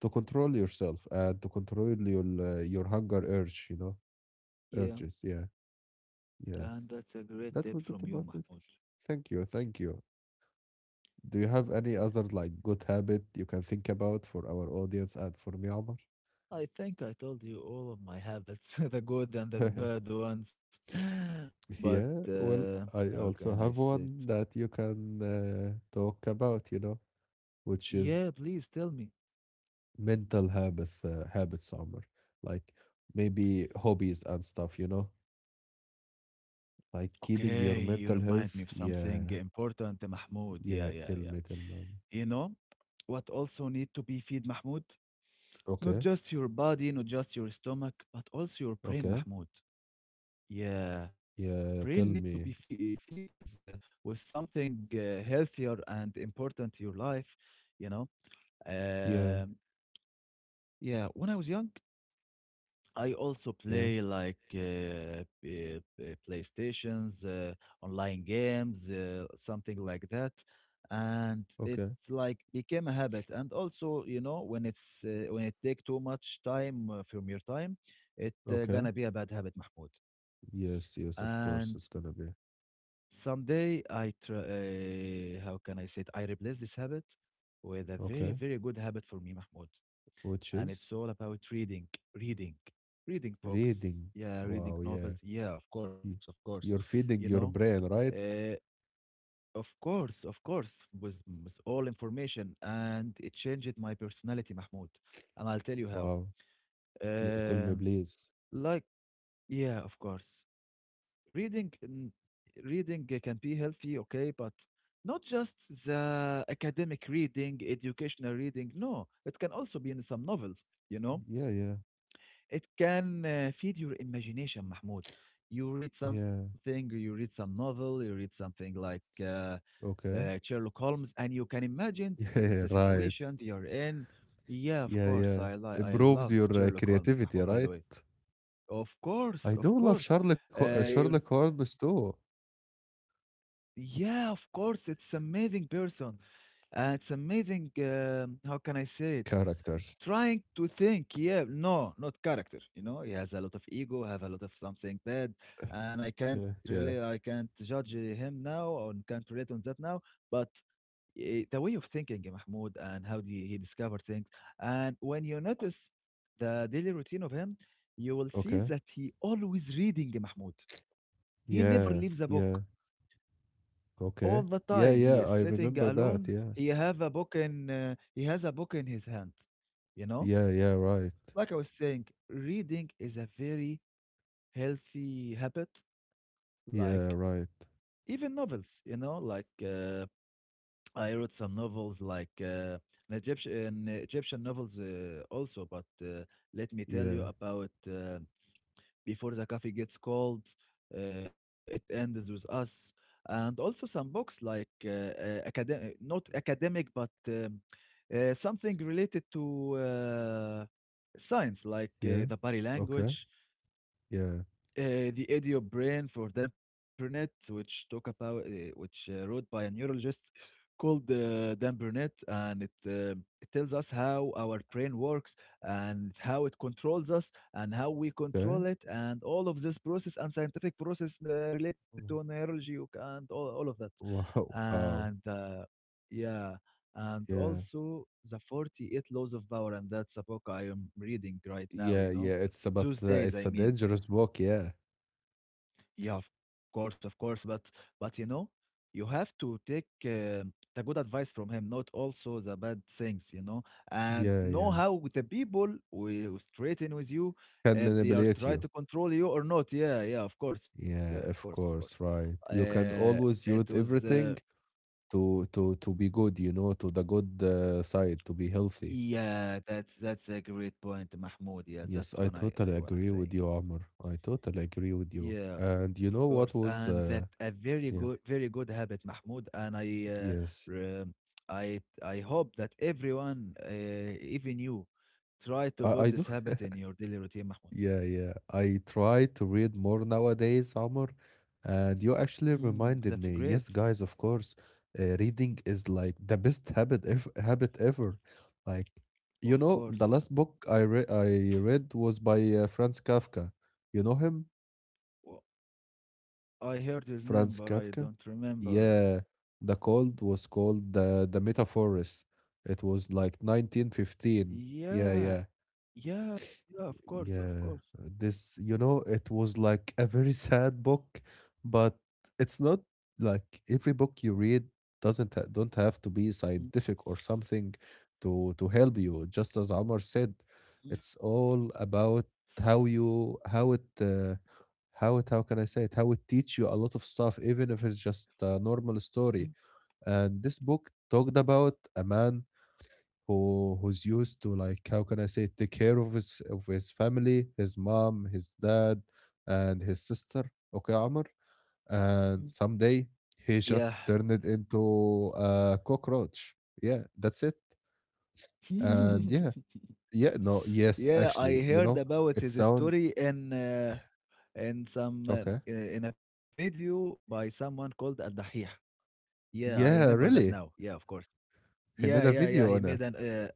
[SPEAKER 1] To control yourself and to control your hunger urge, you know,
[SPEAKER 2] Yeah,
[SPEAKER 1] urges. Yeah,
[SPEAKER 2] and
[SPEAKER 1] yes.
[SPEAKER 2] that's a great
[SPEAKER 1] That
[SPEAKER 2] tip
[SPEAKER 1] was it
[SPEAKER 2] from you,
[SPEAKER 1] about it.
[SPEAKER 2] Mahmoud.
[SPEAKER 1] Thank you, thank you. Do you have any
[SPEAKER 2] Yeah.
[SPEAKER 1] other like good habit you can think about for our audience and for me, Omar?
[SPEAKER 2] I think I told you all of my habits, [laughs] the good and the bad
[SPEAKER 1] [laughs]
[SPEAKER 2] ones. [gasps] [laughs] But
[SPEAKER 1] Yeah, well, I
[SPEAKER 2] how can I
[SPEAKER 1] also have
[SPEAKER 2] say it?
[SPEAKER 1] one that you can talk about, you know, which is
[SPEAKER 2] Yeah, please tell me.
[SPEAKER 1] mental habits Omar like maybe hobbies and stuff you know like
[SPEAKER 2] Okay,
[SPEAKER 1] keeping
[SPEAKER 2] you
[SPEAKER 1] your mental
[SPEAKER 2] remind me of
[SPEAKER 1] health
[SPEAKER 2] something
[SPEAKER 1] yeah
[SPEAKER 2] important, Mahmoud. Yeah,
[SPEAKER 1] yeah
[SPEAKER 2] yeah, yeah.
[SPEAKER 1] tell me
[SPEAKER 2] You know what also need to be feed, Mahmoud? Not
[SPEAKER 1] okay
[SPEAKER 2] just your body, not just your stomach, but also your brain,
[SPEAKER 1] okay
[SPEAKER 2] Mahmoud. Yeah,
[SPEAKER 1] yeah
[SPEAKER 2] brain
[SPEAKER 1] tell
[SPEAKER 2] need to be
[SPEAKER 1] me
[SPEAKER 2] fe feed with something healthier and important to your life. You know.
[SPEAKER 1] yeah
[SPEAKER 2] Um, yeah, when I was young, I also
[SPEAKER 1] yeah
[SPEAKER 2] play like PlayStations, online games, something like that, and it
[SPEAKER 1] okay
[SPEAKER 2] like became a habit. And also, you know, when it's when it take too much time from your time, it
[SPEAKER 1] okay
[SPEAKER 2] gonna be a bad habit, Mahmoud.
[SPEAKER 1] yes yes of
[SPEAKER 2] And
[SPEAKER 1] course it's gonna be
[SPEAKER 2] someday I try. How can I say it? I replace this habit with a very
[SPEAKER 1] okay
[SPEAKER 2] very good habit for me, Mahmoud,
[SPEAKER 1] which
[SPEAKER 2] and it's
[SPEAKER 1] is
[SPEAKER 2] all about reading, reading, reading books.
[SPEAKER 1] reading
[SPEAKER 2] Yeah, reading
[SPEAKER 1] wow yeah
[SPEAKER 2] novels. Yeah, of course, of
[SPEAKER 1] Y-
[SPEAKER 2] course.
[SPEAKER 1] you're
[SPEAKER 2] You
[SPEAKER 1] feeding
[SPEAKER 2] know,
[SPEAKER 1] your brain right
[SPEAKER 2] uh, of course, was all information, and it changed my personality, Mahmoud. And I'll tell you how.
[SPEAKER 1] wow tell me
[SPEAKER 2] Um,
[SPEAKER 1] please
[SPEAKER 2] like, yeah, of course, reading, mm, reading can be healthy, okay, but not just the academic reading, educational reading. No, it can also be in some novels. You know
[SPEAKER 1] yeah yeah
[SPEAKER 2] it can feed your imagination, Mahmoud. You read
[SPEAKER 1] yeah
[SPEAKER 2] something, you read some novel, you read something like
[SPEAKER 1] okay
[SPEAKER 2] Sherlock Holmes, and you can imagine
[SPEAKER 1] [laughs] yeah
[SPEAKER 2] the
[SPEAKER 1] right.
[SPEAKER 2] situation you're in. Yeah, of
[SPEAKER 1] Yeah,
[SPEAKER 2] course,
[SPEAKER 1] yeah.
[SPEAKER 2] I
[SPEAKER 1] Improves
[SPEAKER 2] love
[SPEAKER 1] your
[SPEAKER 2] Sherlock Holmes,
[SPEAKER 1] creativity,
[SPEAKER 2] Mahmoud, by the
[SPEAKER 1] right?
[SPEAKER 2] way. Of course,
[SPEAKER 1] I
[SPEAKER 2] of
[SPEAKER 1] do love
[SPEAKER 2] course. Uh,
[SPEAKER 1] Sherlock
[SPEAKER 2] you,
[SPEAKER 1] Holmes too.
[SPEAKER 2] yeah, of course, it's amazing person. It's amazing. How can I say it?
[SPEAKER 1] Characters.
[SPEAKER 2] Trying to think, yeah, no, not character. You know, he has a lot of ego, have a lot of something bad, and I can't
[SPEAKER 1] Yeah,
[SPEAKER 2] really,
[SPEAKER 1] yeah.
[SPEAKER 2] I can't judge him now, or can't relate on that now. But eh, the way of thinking, eh, Mahmoud, and how do he discover things, and when you notice the daily routine of him, you will see
[SPEAKER 1] Okay.
[SPEAKER 2] that he always reading, eh, Mahmoud. He never leaves a
[SPEAKER 1] Yeah,
[SPEAKER 2] book
[SPEAKER 1] yeah.
[SPEAKER 2] all the
[SPEAKER 1] Okay.
[SPEAKER 2] time
[SPEAKER 1] Yeah,
[SPEAKER 2] he is
[SPEAKER 1] yeah. I
[SPEAKER 2] sitting
[SPEAKER 1] remember
[SPEAKER 2] alone.
[SPEAKER 1] that. Yeah.
[SPEAKER 2] He have a book in he has a book in his hand, you know,
[SPEAKER 1] Yeah, yeah. Right.
[SPEAKER 2] like I was saying reading is a very healthy habit, like
[SPEAKER 1] Yeah, right.
[SPEAKER 2] even novels, you know, like I wrote some novels like an egyptian novels also, but let me tell you
[SPEAKER 1] Yeah,
[SPEAKER 2] about before the coffee gets cold. It ends with us. And also some books like academic, not academic, but something related to science, like
[SPEAKER 1] yeah.
[SPEAKER 2] the body
[SPEAKER 1] Okay.
[SPEAKER 2] language,
[SPEAKER 1] Yeah.
[SPEAKER 2] the audio brain for Dampernet, which talk about which wrote by a neurologist called Dan Burnett, and it tells us how our brain works and how it controls us and how we
[SPEAKER 1] Okay.
[SPEAKER 2] control
[SPEAKER 1] Mm.
[SPEAKER 2] it and all of this process and scientific process related to
[SPEAKER 1] [laughs]
[SPEAKER 2] neurology and all of that,
[SPEAKER 1] Wow. Wow.
[SPEAKER 2] and uh, yeah and
[SPEAKER 1] Yeah.
[SPEAKER 2] also the 48 laws of power, and that's a book I am reading right now,
[SPEAKER 1] Yeah,
[SPEAKER 2] you know,
[SPEAKER 1] yeah. It's about
[SPEAKER 2] those days
[SPEAKER 1] it's
[SPEAKER 2] I
[SPEAKER 1] a
[SPEAKER 2] mean.
[SPEAKER 1] dangerous book. Yeah.
[SPEAKER 2] Yeah, of course, of course. But you know, you have to take the good advice from him, not also the bad things, you know, and
[SPEAKER 1] Yeah,
[SPEAKER 2] know
[SPEAKER 1] yeah.
[SPEAKER 2] how the people will straighten with you
[SPEAKER 1] Can
[SPEAKER 2] if they are
[SPEAKER 1] manipulate
[SPEAKER 2] trying
[SPEAKER 1] you.
[SPEAKER 2] to control you or not. Yeah, yeah, of
[SPEAKER 1] Yeah,
[SPEAKER 2] course, of
[SPEAKER 1] of
[SPEAKER 2] course.
[SPEAKER 1] course, right. You
[SPEAKER 2] Uh,
[SPEAKER 1] can
[SPEAKER 2] it
[SPEAKER 1] always
[SPEAKER 2] was
[SPEAKER 1] use everything to be good, you know, to the good side, to be healthy.
[SPEAKER 2] Yeah, that's a great point, Mahmoud. Yeah,
[SPEAKER 1] Yes,
[SPEAKER 2] that's
[SPEAKER 1] I
[SPEAKER 2] what I
[SPEAKER 1] totally
[SPEAKER 2] I wanna
[SPEAKER 1] agree
[SPEAKER 2] say.
[SPEAKER 1] with you, Amr. I totally agree with you.
[SPEAKER 2] Yeah, of
[SPEAKER 1] And you
[SPEAKER 2] course.
[SPEAKER 1] know what
[SPEAKER 2] And that
[SPEAKER 1] was
[SPEAKER 2] a very good,
[SPEAKER 1] yeah,
[SPEAKER 2] very good habit, Mahmoud.
[SPEAKER 1] yes.
[SPEAKER 2] Re- I hope that everyone, even you, try to put
[SPEAKER 1] I do
[SPEAKER 2] this habit in
[SPEAKER 1] [laughs]
[SPEAKER 2] your daily routine, Mahmoud.
[SPEAKER 1] Yeah, yeah. I try to read more nowadays, Amr, and you actually
[SPEAKER 2] Hmm. That's
[SPEAKER 1] reminded me.
[SPEAKER 2] great.
[SPEAKER 1] Yes, guys, of course. Reading is like the best habit ever. Like, you
[SPEAKER 2] Of
[SPEAKER 1] know,
[SPEAKER 2] course,
[SPEAKER 1] the
[SPEAKER 2] of course.
[SPEAKER 1] last book I read was by Franz Kafka. You know him?
[SPEAKER 2] Well, I heard his name, but I
[SPEAKER 1] Franz
[SPEAKER 2] don't
[SPEAKER 1] Kafka?
[SPEAKER 2] remember.
[SPEAKER 1] Yeah. The Cold was called the Metaphorist. It was like 1915. Yeah,
[SPEAKER 2] Yeah,
[SPEAKER 1] yeah.
[SPEAKER 2] yeah, yeah. Of course, of
[SPEAKER 1] Yeah,
[SPEAKER 2] course.
[SPEAKER 1] this, you know, it was like a very [laughs] sad book, but it's not like every book you read doesn't ha don't have to be
[SPEAKER 2] Hmm,
[SPEAKER 1] scientific or something to help you. Just as Omar said,
[SPEAKER 2] hmm,
[SPEAKER 1] it's all about how it how can I say it how it teach you a lot of stuff, even if it's just a normal
[SPEAKER 2] hmm,
[SPEAKER 1] story. And this book talked about a man who's used to like how can I say take care of his family, his mom, his dad, and his sister. Okay, Amr,
[SPEAKER 2] hmm.
[SPEAKER 1] and someday
[SPEAKER 2] Yeah,
[SPEAKER 1] he just turned it into a cockroach. Yeah, that's it. And yeah,
[SPEAKER 2] [laughs]
[SPEAKER 1] yeah, no, yes,
[SPEAKER 2] yeah. I
[SPEAKER 1] actually, you
[SPEAKER 2] heard
[SPEAKER 1] know,
[SPEAKER 2] about
[SPEAKER 1] it
[SPEAKER 2] his
[SPEAKER 1] sound
[SPEAKER 2] story in. In some
[SPEAKER 1] okay.
[SPEAKER 2] in a video by someone called Al Dahih. Yeah, I remember
[SPEAKER 1] Yeah,
[SPEAKER 2] that now.
[SPEAKER 1] really,
[SPEAKER 2] Yeah, of course.
[SPEAKER 1] he
[SPEAKER 2] Yeah,
[SPEAKER 1] made a
[SPEAKER 2] yeah, yeah. He
[SPEAKER 1] video on
[SPEAKER 2] made
[SPEAKER 1] it.
[SPEAKER 2] an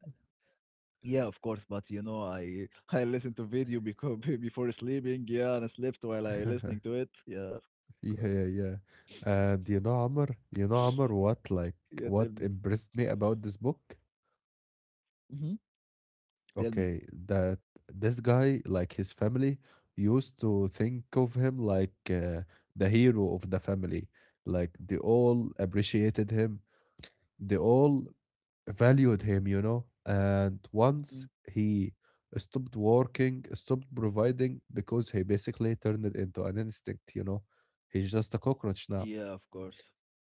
[SPEAKER 2] yeah, of course. But you know, I [laughs] I listened to video because [laughs] before sleeping. Yeah, and I slept while I listening
[SPEAKER 1] [laughs]
[SPEAKER 2] to it. Yeah, of course.
[SPEAKER 1] yeah, yeah. And you know, Amr,
[SPEAKER 2] Yeah, tell me.
[SPEAKER 1] what impressed me about this book?
[SPEAKER 2] Mm-hmm. Tell me.
[SPEAKER 1] Okay, that this guy, like his family, used to think of him like the hero of the family. Like they all appreciated him, they all valued him, you know. And
[SPEAKER 2] Mm.
[SPEAKER 1] once he stopped working, stopped providing because he basically turned it into an instinct, you know. He's just a cockroach
[SPEAKER 2] Yeah,
[SPEAKER 1] now.
[SPEAKER 2] of course.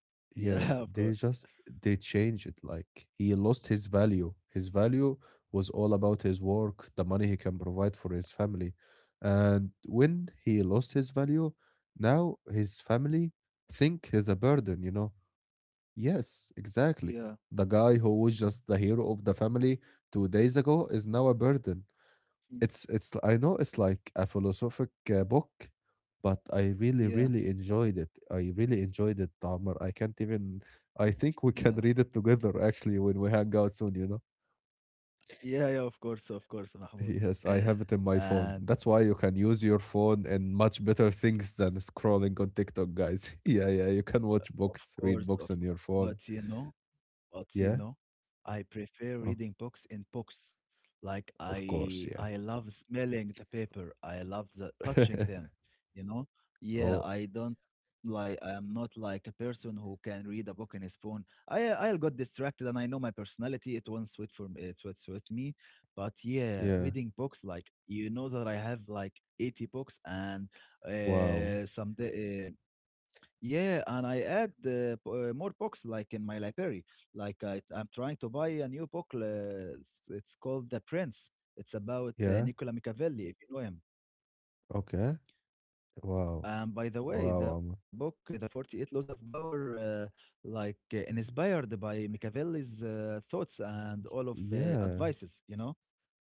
[SPEAKER 2] Yeah, [laughs]
[SPEAKER 1] Yeah,
[SPEAKER 2] of course.
[SPEAKER 1] they just they change it. Like he lost his value. His value was all about his work, the money he can provide for his family. And when he lost his value, now his family think he's a burden, you know? Yes,
[SPEAKER 2] Yeah.
[SPEAKER 1] exactly. The guy who was just the hero of the family 2 days ago is now a burden.
[SPEAKER 2] Mm.
[SPEAKER 1] It's I know it's like a philosophic book, but I really
[SPEAKER 2] Yeah.
[SPEAKER 1] really enjoyed it. I really enjoyed it, Tamer. I can't even. I think we [laughs]
[SPEAKER 2] Yeah.
[SPEAKER 1] can read it together actually when we hang out soon. You know.
[SPEAKER 2] Yeah, yeah, of course, Mahmoud.
[SPEAKER 1] Yes, I
[SPEAKER 2] [laughs]
[SPEAKER 1] have it in my phone.
[SPEAKER 2] And
[SPEAKER 1] That's why you can use your phone in much better things than scrolling on TikTok, guys. [laughs] Yeah, yeah. You can
[SPEAKER 2] of
[SPEAKER 1] watch
[SPEAKER 2] course,
[SPEAKER 1] books,
[SPEAKER 2] of
[SPEAKER 1] read books
[SPEAKER 2] course.
[SPEAKER 1] on your
[SPEAKER 2] But you
[SPEAKER 1] phone.
[SPEAKER 2] know, but you know,
[SPEAKER 1] Yeah.
[SPEAKER 2] I prefer
[SPEAKER 1] Oh,
[SPEAKER 2] reading books in books. Like
[SPEAKER 1] of course.
[SPEAKER 2] I
[SPEAKER 1] Yeah.
[SPEAKER 2] I love smelling the paper. I love the touching them, you know?
[SPEAKER 1] [laughs]
[SPEAKER 2] Yeah,
[SPEAKER 1] Oh.
[SPEAKER 2] I don't like I'm not like a person who can read a book in his phone. I'll got distracted and I know my personality, it won't suit for me it won't suit me. But yeah,
[SPEAKER 1] Yeah.
[SPEAKER 2] reading books like you know that I have like 80 books and
[SPEAKER 1] Wow.
[SPEAKER 2] some yeah, and I add more books like in my library. Like I'm trying to buy a new book. It's called The Prince. It's about
[SPEAKER 1] Yeah.
[SPEAKER 2] Nicola Machiavelli, if you know him.
[SPEAKER 1] Okay. Wow.
[SPEAKER 2] And by the way, the
[SPEAKER 1] Wow.
[SPEAKER 2] book, The 48 Laws of Power, like
[SPEAKER 1] Um,
[SPEAKER 2] inspired by Machiavelli's thoughts and all of
[SPEAKER 1] Yeah,
[SPEAKER 2] advices, you know?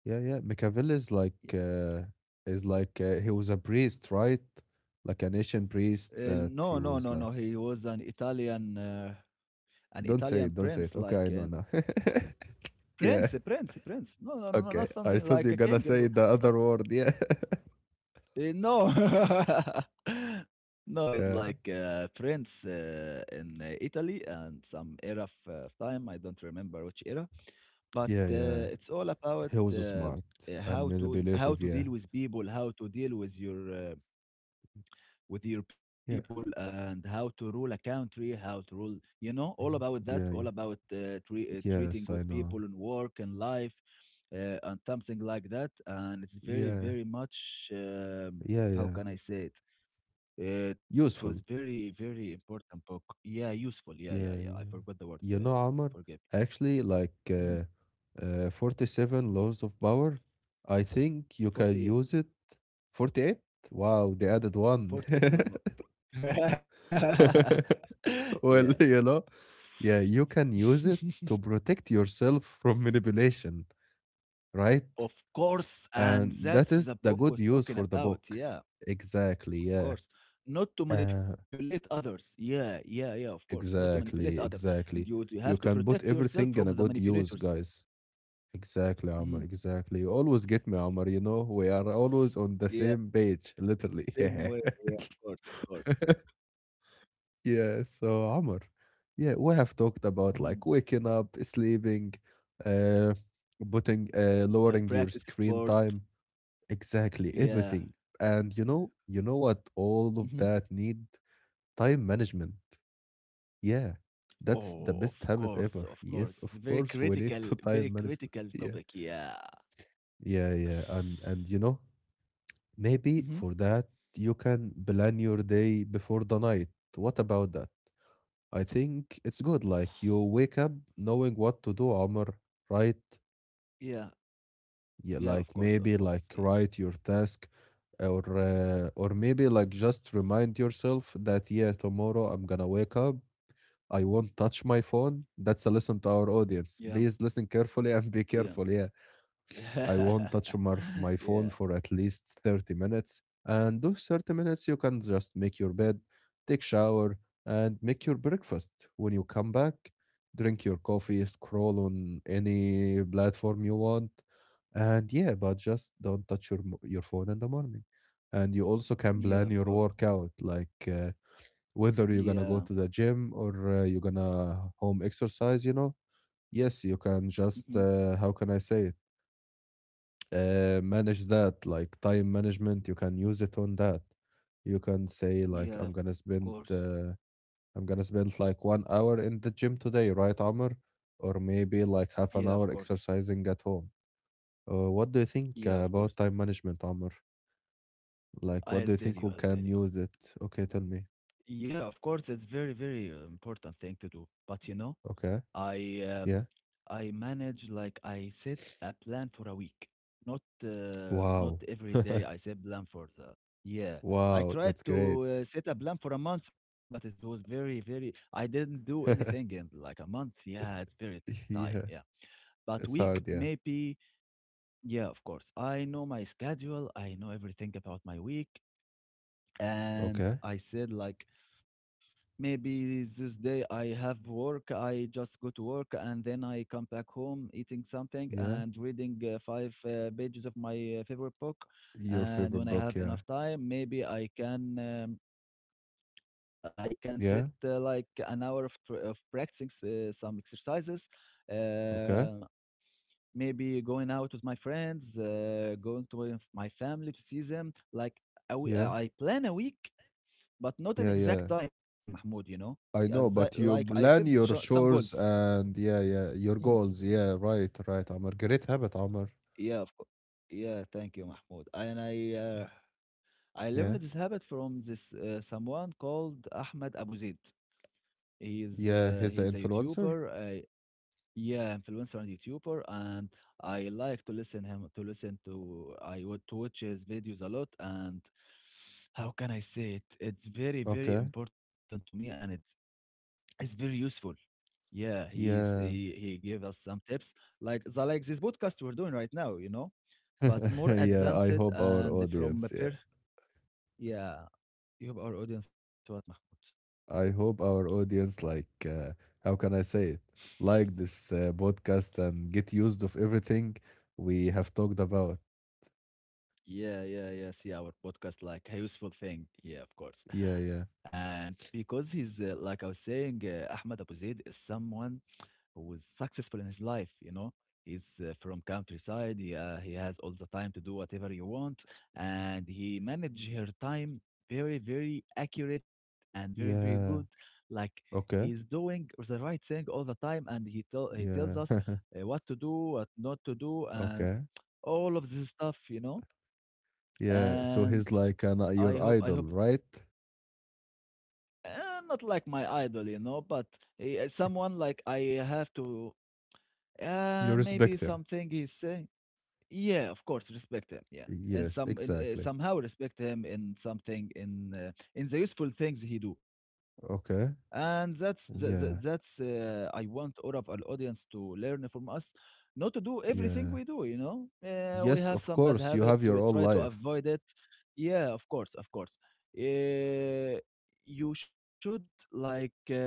[SPEAKER 1] yeah, yeah. Machiavelli is like
[SPEAKER 2] Y-
[SPEAKER 1] uh, is like uh, he was a priest, right? Like an ancient priest that he
[SPEAKER 2] No, no,
[SPEAKER 1] was
[SPEAKER 2] no,
[SPEAKER 1] like.
[SPEAKER 2] no. He was an
[SPEAKER 1] Don't say
[SPEAKER 2] Italian
[SPEAKER 1] it. Don't say
[SPEAKER 2] prince,
[SPEAKER 1] it. Okay,
[SPEAKER 2] like
[SPEAKER 1] I know now. [laughs] Yeah.
[SPEAKER 2] prince, a prince, a prince. No, no, no, no,
[SPEAKER 1] Okay.
[SPEAKER 2] not
[SPEAKER 1] I
[SPEAKER 2] something
[SPEAKER 1] thought
[SPEAKER 2] like
[SPEAKER 1] you're
[SPEAKER 2] a
[SPEAKER 1] gonna
[SPEAKER 2] king. And
[SPEAKER 1] say
[SPEAKER 2] l-
[SPEAKER 1] the other
[SPEAKER 2] so
[SPEAKER 1] word. Yeah. [laughs]
[SPEAKER 2] Eh, No, [laughs] no, it's like
[SPEAKER 1] Yeah.
[SPEAKER 2] Prince in Italy and some era of time. I don't remember which era, but
[SPEAKER 1] Yeah. Yeah.
[SPEAKER 2] it's all about
[SPEAKER 1] He was smart and
[SPEAKER 2] how to how
[SPEAKER 1] manipulative.
[SPEAKER 2] to
[SPEAKER 1] Yeah.
[SPEAKER 2] deal with people, how to deal with your people
[SPEAKER 1] Yeah.
[SPEAKER 2] and how to rule a country, how to rule, you know, all
[SPEAKER 1] Yeah.
[SPEAKER 2] about that,
[SPEAKER 1] Yeah,
[SPEAKER 2] all
[SPEAKER 1] yeah.
[SPEAKER 2] about treating
[SPEAKER 1] Yes, I
[SPEAKER 2] with
[SPEAKER 1] know.
[SPEAKER 2] people and work and life and something like that. And it's very,
[SPEAKER 1] Yeah.
[SPEAKER 2] very much,
[SPEAKER 1] Yeah.
[SPEAKER 2] how
[SPEAKER 1] Yeah.
[SPEAKER 2] can I say it? It was
[SPEAKER 1] Useful.
[SPEAKER 2] very, very important book. Yeah, useful. Yeah, yeah, yeah. I
[SPEAKER 1] Yeah,
[SPEAKER 2] forgot the
[SPEAKER 1] yeah.
[SPEAKER 2] word.
[SPEAKER 1] You know, Omar,
[SPEAKER 2] Forgive.
[SPEAKER 1] actually,
[SPEAKER 2] Mhm.
[SPEAKER 1] 47 laws of power, I think you
[SPEAKER 2] [clears throat]
[SPEAKER 1] can
[SPEAKER 2] 48.
[SPEAKER 1] use it. 48? Wow, they added one.
[SPEAKER 2] 48 level.
[SPEAKER 1] [laughs]
[SPEAKER 2] [laughs] yeah.
[SPEAKER 1] Well, [laughs] you know, yeah, you can use it to protect yourself from manipulation, right?
[SPEAKER 2] Of course, and
[SPEAKER 1] And that
[SPEAKER 2] that's
[SPEAKER 1] is
[SPEAKER 2] the
[SPEAKER 1] the
[SPEAKER 2] book
[SPEAKER 1] good
[SPEAKER 2] was
[SPEAKER 1] use
[SPEAKER 2] talking
[SPEAKER 1] for the
[SPEAKER 2] about.
[SPEAKER 1] book.
[SPEAKER 2] Yeah.
[SPEAKER 1] Exactly,
[SPEAKER 2] Of
[SPEAKER 1] yeah.
[SPEAKER 2] course, not to
[SPEAKER 1] Uh,
[SPEAKER 2] manipulate others. Yeah, yeah, yeah. Of course, not to manipulate other.
[SPEAKER 1] exactly,
[SPEAKER 2] You
[SPEAKER 1] exactly.
[SPEAKER 2] you have to
[SPEAKER 1] You can
[SPEAKER 2] protect
[SPEAKER 1] put
[SPEAKER 2] yourself from
[SPEAKER 1] everything in
[SPEAKER 2] the
[SPEAKER 1] a good use,
[SPEAKER 2] manipulators.
[SPEAKER 1] guys. Exactly, Amr.
[SPEAKER 2] Mhm.
[SPEAKER 1] Exactly. You always get me, Amr. You know, we are always on the
[SPEAKER 2] Yeah,
[SPEAKER 1] same page, literally. [laughs]
[SPEAKER 2] same
[SPEAKER 1] Yeah.
[SPEAKER 2] way. Yeah, of course, of course.
[SPEAKER 1] [laughs] Yeah. So, Amr, yeah, we have talked about
[SPEAKER 2] Mhm.
[SPEAKER 1] like waking up, sleeping, uh, putting, lowering your
[SPEAKER 2] Practice
[SPEAKER 1] screen
[SPEAKER 2] sport.
[SPEAKER 1] time. Exactly.
[SPEAKER 2] Yeah.
[SPEAKER 1] Everything. And you know what? All of
[SPEAKER 2] Hmm.
[SPEAKER 1] that need time management. Yeah.
[SPEAKER 2] Oh,
[SPEAKER 1] That's
[SPEAKER 2] of
[SPEAKER 1] the best habit
[SPEAKER 2] course, of
[SPEAKER 1] ever.
[SPEAKER 2] course.
[SPEAKER 1] Yes,
[SPEAKER 2] It's
[SPEAKER 1] of course, we need to [laughs]
[SPEAKER 2] very
[SPEAKER 1] time management.
[SPEAKER 2] critical
[SPEAKER 1] Yeah.
[SPEAKER 2] topic. Yeah.
[SPEAKER 1] Yeah, yeah, and you know, maybe
[SPEAKER 2] Hmm.
[SPEAKER 1] for that, you can plan your day before the night. What about that? I think it's good. Like you wake up knowing what to do, Omar, right?
[SPEAKER 2] Yeah,
[SPEAKER 1] Yeah,
[SPEAKER 2] yeah. Of
[SPEAKER 1] like
[SPEAKER 2] course, of
[SPEAKER 1] maybe
[SPEAKER 2] course.
[SPEAKER 1] like write your task, or maybe like just remind yourself that yeah, tomorrow I'm gonna wake up. I won't touch my phone. That's a lesson to our audience.
[SPEAKER 2] Yeah,
[SPEAKER 1] Please listen carefully [laughs] and be
[SPEAKER 2] yeah,
[SPEAKER 1] careful. Yeah. I won't touch my
[SPEAKER 2] [laughs]
[SPEAKER 1] phone
[SPEAKER 2] yeah,
[SPEAKER 1] for at least 30 minutes. And those 30 minutes, you can just make your bed, take shower, and make your breakfast. When you come back, drink your coffee, scroll on any platform you want. And yeah, but just don't touch your, mo- your phone in the morning. And you also can
[SPEAKER 2] yeah.
[SPEAKER 1] plan
[SPEAKER 2] Of
[SPEAKER 1] your
[SPEAKER 2] course.
[SPEAKER 1] workout, whether you're
[SPEAKER 2] Yeah.
[SPEAKER 1] going to go to the gym or you're going to home exercise, you know. Yes, you can
[SPEAKER 2] Mm-hmm.
[SPEAKER 1] just, how can I say it? Uh, manage that like time management you can use it on that. You can say like
[SPEAKER 2] Yeah, of course.
[SPEAKER 1] I'm gonna spend like 1 hour in the gym today, right, Amr? Or maybe like
[SPEAKER 2] Yeah,
[SPEAKER 1] half
[SPEAKER 2] of
[SPEAKER 1] an hour
[SPEAKER 2] course.
[SPEAKER 1] exercising at home. What do you think
[SPEAKER 2] Yeah, of course.
[SPEAKER 1] about time management, Amr? Like what
[SPEAKER 2] I'll
[SPEAKER 1] do you
[SPEAKER 2] tell
[SPEAKER 1] think
[SPEAKER 2] you,
[SPEAKER 1] we
[SPEAKER 2] I'll
[SPEAKER 1] can
[SPEAKER 2] tell you.
[SPEAKER 1] use it. Okay, tell me.
[SPEAKER 2] Yeah, of course, it's very, very important thing to do. But you know,
[SPEAKER 1] Okay.
[SPEAKER 2] I um,
[SPEAKER 1] Yeah.
[SPEAKER 2] I manage like I set a plan for a week. Not not
[SPEAKER 1] Wow.
[SPEAKER 2] every
[SPEAKER 1] [laughs]
[SPEAKER 2] day I set plan for the. Yeah, I
[SPEAKER 1] Wow, that's
[SPEAKER 2] tried
[SPEAKER 1] great.
[SPEAKER 2] to set a plan for a month, but it was very, very. I didn't do anything in
[SPEAKER 1] [laughs]
[SPEAKER 2] like a month. Yeah, it's very time.
[SPEAKER 1] Yeah.
[SPEAKER 2] Yeah, but
[SPEAKER 1] It's
[SPEAKER 2] week
[SPEAKER 1] hard, yeah.
[SPEAKER 2] maybe. Yeah, of course. I know my schedule. I know everything about my week. And
[SPEAKER 1] Okay.
[SPEAKER 2] I said, like, maybe this day I have work. I just go to work and then I come back home eating something
[SPEAKER 1] Yeah,
[SPEAKER 2] and reading five pages of my favorite book.
[SPEAKER 1] your
[SPEAKER 2] And
[SPEAKER 1] favorite
[SPEAKER 2] when I
[SPEAKER 1] book.
[SPEAKER 2] have
[SPEAKER 1] Yeah.
[SPEAKER 2] enough time, maybe I can. I can set
[SPEAKER 1] Yeah.
[SPEAKER 2] like an hour of, of practicing some exercises.
[SPEAKER 1] Okay.
[SPEAKER 2] Uh, maybe going out with my friends, going to my family to see them. Like
[SPEAKER 1] Yeah,
[SPEAKER 2] I plan a week, but not
[SPEAKER 1] yeah,
[SPEAKER 2] an
[SPEAKER 1] yeah.
[SPEAKER 2] exact time, Mahmoud, you know? Yeah,
[SPEAKER 1] I
[SPEAKER 2] that,
[SPEAKER 1] know, but
[SPEAKER 2] like
[SPEAKER 1] you
[SPEAKER 2] I set
[SPEAKER 1] plan your
[SPEAKER 2] some goals.
[SPEAKER 1] chores and yeah, yeah,
[SPEAKER 2] Mhm.
[SPEAKER 1] your goals. Yeah, right, right, Amr. Great habit, Amr.
[SPEAKER 2] Yeah, of course. Yeah, thank you, Mahmoud. And I learned
[SPEAKER 1] Yeah,
[SPEAKER 2] this habit from this someone called Ahmed Abu Zaid.
[SPEAKER 1] yeah, he's the
[SPEAKER 2] He's a
[SPEAKER 1] influencer.
[SPEAKER 2] YouTuber. Yeah, influencer and YouTuber, and I like to listen him to listen to I would to watch his videos a lot, and how can I say it? It's very very
[SPEAKER 1] Okay.
[SPEAKER 2] important to me, and it's very useful. Yeah, he
[SPEAKER 1] Yeah.
[SPEAKER 2] he gave us some tips like the like this podcast we're doing right now, you know, but
[SPEAKER 1] [laughs]
[SPEAKER 2] more
[SPEAKER 1] Yeah, I
[SPEAKER 2] advanced
[SPEAKER 1] hope our
[SPEAKER 2] and from a
[SPEAKER 1] audience, yeah.
[SPEAKER 2] per yeah. You have our audience, what Mahmoud?
[SPEAKER 1] I hope our audience how can I say it? Like this podcast and get used of everything we have talked about.
[SPEAKER 2] Yeah, yeah, yeah. See our podcast like a useful thing. Yeah, of course.
[SPEAKER 1] Yeah, yeah.
[SPEAKER 2] And because he's like I was saying, Ahmed Abu Zaid is someone who was successful in his life. You know, he's from countryside. He has all the time to do whatever you want, and he manage her time very, very accurate and very, very good.
[SPEAKER 1] Yeah.
[SPEAKER 2] Like he's
[SPEAKER 1] Okay.
[SPEAKER 2] doing the right thing all the time, and he tell he tells
[SPEAKER 1] Yeah.
[SPEAKER 2] us
[SPEAKER 1] [laughs]
[SPEAKER 2] what to do, what not to do, and
[SPEAKER 1] Okay.
[SPEAKER 2] all of this stuff. You know
[SPEAKER 1] Yeah, so
[SPEAKER 2] and
[SPEAKER 1] he's like an,
[SPEAKER 2] I
[SPEAKER 1] your
[SPEAKER 2] hope I
[SPEAKER 1] idol,
[SPEAKER 2] hope
[SPEAKER 1] right?
[SPEAKER 2] uh, not like my idol, you know, but someone like I have to
[SPEAKER 1] You
[SPEAKER 2] maybe
[SPEAKER 1] respect him.
[SPEAKER 2] something he's saying. Yeah, of course, respect him. Yeah, and
[SPEAKER 1] Yes, exactly.
[SPEAKER 2] somehow respect him in something in the useful things he do.
[SPEAKER 1] Okay.
[SPEAKER 2] And that's
[SPEAKER 1] Yeah.
[SPEAKER 2] I want all of our audience to learn from us, not to do everything
[SPEAKER 1] Yeah.
[SPEAKER 2] we do. You know, we
[SPEAKER 1] Yes,
[SPEAKER 2] have
[SPEAKER 1] of
[SPEAKER 2] some bad
[SPEAKER 1] course. You have
[SPEAKER 2] habits.
[SPEAKER 1] your
[SPEAKER 2] We
[SPEAKER 1] own
[SPEAKER 2] try to
[SPEAKER 1] life.
[SPEAKER 2] avoid it. Yeah, of course, of course. Uh, you should like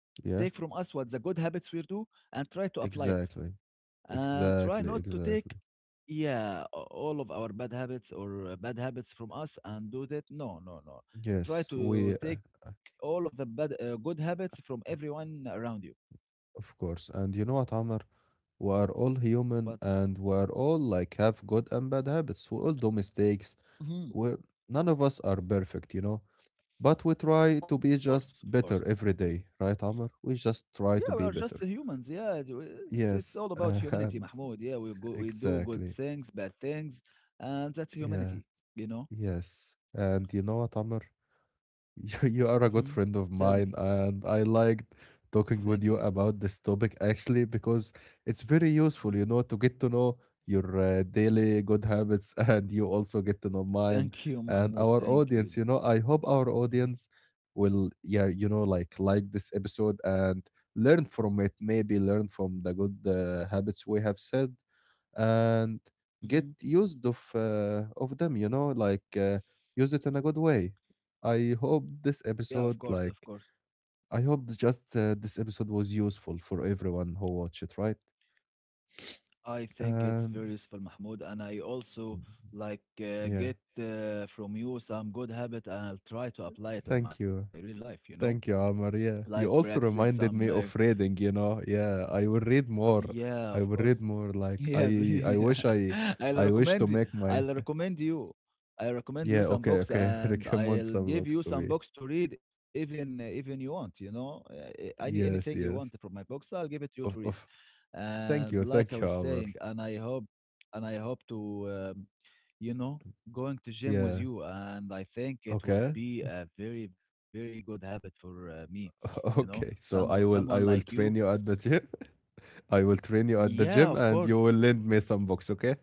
[SPEAKER 2] take from
[SPEAKER 1] Yeah.
[SPEAKER 2] us what the good habits we do and try to apply it
[SPEAKER 1] Exactly.
[SPEAKER 2] and try
[SPEAKER 1] Exactly.
[SPEAKER 2] not to take
[SPEAKER 1] Exactly.
[SPEAKER 2] all of our bad habits or bad habits from us and do that no no no try
[SPEAKER 1] Yes,
[SPEAKER 2] to
[SPEAKER 1] we,
[SPEAKER 2] take
[SPEAKER 1] uh,
[SPEAKER 2] all of the bad good habits from everyone around you.
[SPEAKER 1] of course. And you know what, Amr? We are all human
[SPEAKER 2] Fatma.
[SPEAKER 1] and we are all like have good and bad habits. We all do mistakes.
[SPEAKER 2] Mhm.
[SPEAKER 1] We, None of us are perfect, you know? But we
[SPEAKER 2] Of
[SPEAKER 1] try to be
[SPEAKER 2] course, of
[SPEAKER 1] just
[SPEAKER 2] course.
[SPEAKER 1] better every day, right, Amr? We just
[SPEAKER 2] Yeah, we
[SPEAKER 1] try
[SPEAKER 2] are
[SPEAKER 1] to be
[SPEAKER 2] just
[SPEAKER 1] better.
[SPEAKER 2] humans. Yeah, it's all
[SPEAKER 1] Yes,
[SPEAKER 2] about humanity,
[SPEAKER 1] and
[SPEAKER 2] Mahmoud. Yeah, we go
[SPEAKER 1] [laughs]
[SPEAKER 2] we do good
[SPEAKER 1] exactly.
[SPEAKER 2] things bad things, and that's
[SPEAKER 1] Yeah,
[SPEAKER 2] humanity, you know.
[SPEAKER 1] yes. And you know what, Amr? You
[SPEAKER 2] Hmm.
[SPEAKER 1] are a good friend
[SPEAKER 2] Tell
[SPEAKER 1] of
[SPEAKER 2] me.
[SPEAKER 1] mine, and I liked
[SPEAKER 2] Thank
[SPEAKER 1] talking
[SPEAKER 2] you.
[SPEAKER 1] with you about this topic actually because it's very
[SPEAKER 2] Mhm.
[SPEAKER 1] useful, you know, to get to know your daily good habits [laughs] and you also get to know mine
[SPEAKER 2] Thank you
[SPEAKER 1] and
[SPEAKER 2] Mahmoud,
[SPEAKER 1] our
[SPEAKER 2] thank
[SPEAKER 1] audience.
[SPEAKER 2] you.
[SPEAKER 1] You know, I hope our audience will, yeah, you know, like this episode and learn from it, maybe learn from the good habits we have said and
[SPEAKER 2] Mhm.
[SPEAKER 1] get used of them, you know, use it in a good way. I hope
[SPEAKER 2] Yeah,
[SPEAKER 1] this
[SPEAKER 2] of course,
[SPEAKER 1] episode
[SPEAKER 2] of course.
[SPEAKER 1] like I hope th- just this episode was useful for everyone who watched it, right?
[SPEAKER 2] I think it's
[SPEAKER 1] And
[SPEAKER 2] very useful, Mahmoud, and I also
[SPEAKER 1] mm,
[SPEAKER 2] like
[SPEAKER 1] yeah,
[SPEAKER 2] get from you some good habit, and I'll try to apply it in
[SPEAKER 1] thank
[SPEAKER 2] my
[SPEAKER 1] you,
[SPEAKER 2] real life. You know,
[SPEAKER 1] thank you, Amar. Yeah,
[SPEAKER 2] like
[SPEAKER 1] you also
[SPEAKER 2] practicing some.
[SPEAKER 1] reminded me of reading, you know. Yeah, I will read more.
[SPEAKER 2] Yeah, of
[SPEAKER 1] I will
[SPEAKER 2] course.
[SPEAKER 1] read more like
[SPEAKER 2] Yeah,
[SPEAKER 1] i i
[SPEAKER 2] please.
[SPEAKER 1] wish
[SPEAKER 2] [laughs] I'll
[SPEAKER 1] I wish to
[SPEAKER 2] recommend y-
[SPEAKER 1] make my
[SPEAKER 2] I'll recommend you. I recommend you
[SPEAKER 1] yeah.
[SPEAKER 2] some
[SPEAKER 1] Okay,
[SPEAKER 2] books
[SPEAKER 1] okay. [laughs]
[SPEAKER 2] and
[SPEAKER 1] Recommend
[SPEAKER 2] I'll
[SPEAKER 1] some
[SPEAKER 2] give
[SPEAKER 1] books
[SPEAKER 2] you
[SPEAKER 1] to
[SPEAKER 2] some
[SPEAKER 1] me.
[SPEAKER 2] books to read even you want, you know. Anything you
[SPEAKER 1] Yes,
[SPEAKER 2] want from
[SPEAKER 1] yes.
[SPEAKER 2] my books, I'll give it to you to
[SPEAKER 1] of
[SPEAKER 2] read.
[SPEAKER 1] of
[SPEAKER 2] And like I
[SPEAKER 1] thank
[SPEAKER 2] was
[SPEAKER 1] you, Amr.
[SPEAKER 2] saying, and I hope to um, you know, going to gym with
[SPEAKER 1] Yeah.
[SPEAKER 2] you and I think it would
[SPEAKER 1] Okay.
[SPEAKER 2] be a very very good habit for me, you know.
[SPEAKER 1] [laughs] Okay. So I
[SPEAKER 2] Someone
[SPEAKER 1] will I
[SPEAKER 2] like
[SPEAKER 1] will
[SPEAKER 2] you.
[SPEAKER 1] train you at the gym. [laughs] I will train you at the
[SPEAKER 2] Yeah, of
[SPEAKER 1] gym and
[SPEAKER 2] course.
[SPEAKER 1] you will lend me some books, okay?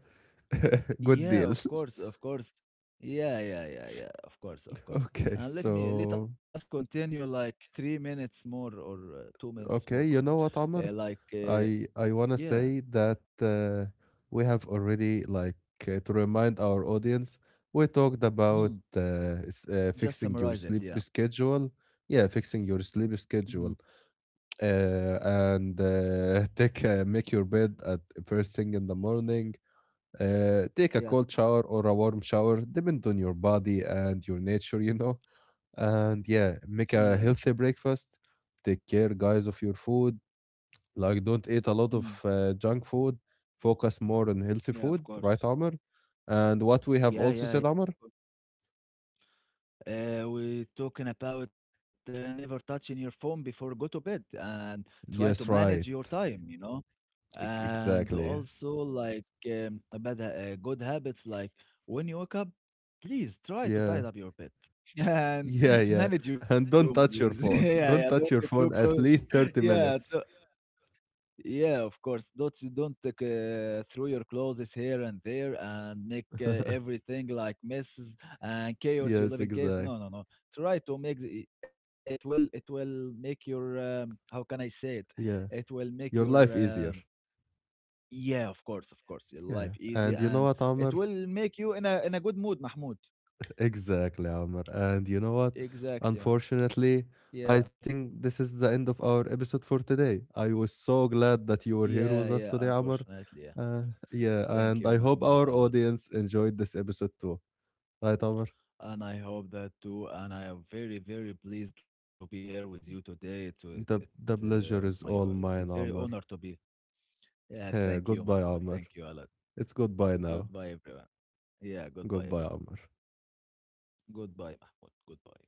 [SPEAKER 1] [laughs] Good
[SPEAKER 2] Yeah,
[SPEAKER 1] deal.
[SPEAKER 2] of
[SPEAKER 1] [laughs]
[SPEAKER 2] course, of course. Yeah, yeah, yeah, yeah. Of course, of course.
[SPEAKER 1] Okay.
[SPEAKER 2] And let us
[SPEAKER 1] So
[SPEAKER 2] continue like 3 minutes more or 2 minutes more,
[SPEAKER 1] okay, you know
[SPEAKER 2] [laughs]
[SPEAKER 1] what,
[SPEAKER 2] Mahmoud.
[SPEAKER 1] Amr? I want to
[SPEAKER 2] Yeah.
[SPEAKER 1] say that we have already like to remind our audience, we talked about
[SPEAKER 2] Mhm. Just
[SPEAKER 1] fixing your
[SPEAKER 2] summarize it.
[SPEAKER 1] sleep
[SPEAKER 2] Yeah.
[SPEAKER 1] schedule. Yeah, fixing your sleep
[SPEAKER 2] Mhm.
[SPEAKER 1] schedule and [laughs] make your bed at first thing in the morning. Take a
[SPEAKER 2] Yeah.
[SPEAKER 1] cold shower or a warm shower, depend on your body and your nature, you know. And yeah, make
[SPEAKER 2] Yeah.
[SPEAKER 1] a healthy breakfast. Take care, guys, of your food. Like, don't eat a lot
[SPEAKER 2] Mm.
[SPEAKER 1] of junk food. Focus more on healthy
[SPEAKER 2] Yeah. Of
[SPEAKER 1] food,
[SPEAKER 2] course.
[SPEAKER 1] right, Amr? And what we have
[SPEAKER 2] Yeah.
[SPEAKER 1] also
[SPEAKER 2] Yeah. Yeah.
[SPEAKER 1] said, Amr?
[SPEAKER 2] We're talking about never touching your phone before go to bed and try to
[SPEAKER 1] Yes,
[SPEAKER 2] manage your
[SPEAKER 1] right.
[SPEAKER 2] time. You know. And
[SPEAKER 1] Exactly.
[SPEAKER 2] also like um, bad ha- good habits like when you wake up please try to
[SPEAKER 1] Yeah.
[SPEAKER 2] tidy up your bed [laughs] and
[SPEAKER 1] Yeah, yeah.
[SPEAKER 2] manage your room
[SPEAKER 1] And don't
[SPEAKER 2] please
[SPEAKER 1] touch your
[SPEAKER 2] [laughs] yeah
[SPEAKER 1] phone.
[SPEAKER 2] yeah
[SPEAKER 1] [laughs]
[SPEAKER 2] don't
[SPEAKER 1] Don't
[SPEAKER 2] throw
[SPEAKER 1] touch your
[SPEAKER 2] clothes
[SPEAKER 1] phone at least
[SPEAKER 2] [laughs] yeah
[SPEAKER 1] 30
[SPEAKER 2] th-
[SPEAKER 1] minutes.
[SPEAKER 2] yeah of course don't take, throw your clothes here and there and make
[SPEAKER 1] [laughs]
[SPEAKER 2] everything like messes and chaos you live
[SPEAKER 1] Yes,
[SPEAKER 2] in chaos
[SPEAKER 1] exact.
[SPEAKER 2] no no no try to make the, it will make your how can I say it it
[SPEAKER 1] Yeah.
[SPEAKER 2] will make your
[SPEAKER 1] Your life easier.
[SPEAKER 2] yeah, of course, of course. Your
[SPEAKER 1] Yeah.
[SPEAKER 2] life easy
[SPEAKER 1] And you know
[SPEAKER 2] and
[SPEAKER 1] what,
[SPEAKER 2] it
[SPEAKER 1] Amr?
[SPEAKER 2] will make you in a good mood, Mahmoud.
[SPEAKER 1] Exactly, Amr. And you know what?
[SPEAKER 2] Exactly, Mahmoud.
[SPEAKER 1] Unfortunately,
[SPEAKER 2] Yeah,
[SPEAKER 1] I think this is the end of our episode for today. I was so glad that you were
[SPEAKER 2] yeah,
[SPEAKER 1] here with
[SPEAKER 2] yeah.
[SPEAKER 1] us today, Amr.
[SPEAKER 2] Unfortunately, yeah.
[SPEAKER 1] Uh, yeah,
[SPEAKER 2] Thank
[SPEAKER 1] and
[SPEAKER 2] you,
[SPEAKER 1] I hope
[SPEAKER 2] Mahmoud,
[SPEAKER 1] our
[SPEAKER 2] a lot.
[SPEAKER 1] audience enjoyed this episode too. Right, Amr?
[SPEAKER 2] And I hope that too. And I am very, very pleased to be here with you today. It, it,
[SPEAKER 1] The
[SPEAKER 2] it was
[SPEAKER 1] pleasure
[SPEAKER 2] my,
[SPEAKER 1] is all
[SPEAKER 2] it's a
[SPEAKER 1] mine,
[SPEAKER 2] very honor
[SPEAKER 1] Amr.
[SPEAKER 2] to be. Yeah,
[SPEAKER 1] Yeah,
[SPEAKER 2] thank you,
[SPEAKER 1] goodbye,
[SPEAKER 2] Mahmoud.
[SPEAKER 1] Amr.
[SPEAKER 2] Thank you a lot.
[SPEAKER 1] It's goodbye now.
[SPEAKER 2] Goodbye, everyone. Yeah, goodbye,
[SPEAKER 1] Goodbye,
[SPEAKER 2] everyone.
[SPEAKER 1] Amr.
[SPEAKER 2] Goodbye, Mahmoud. Goodbye.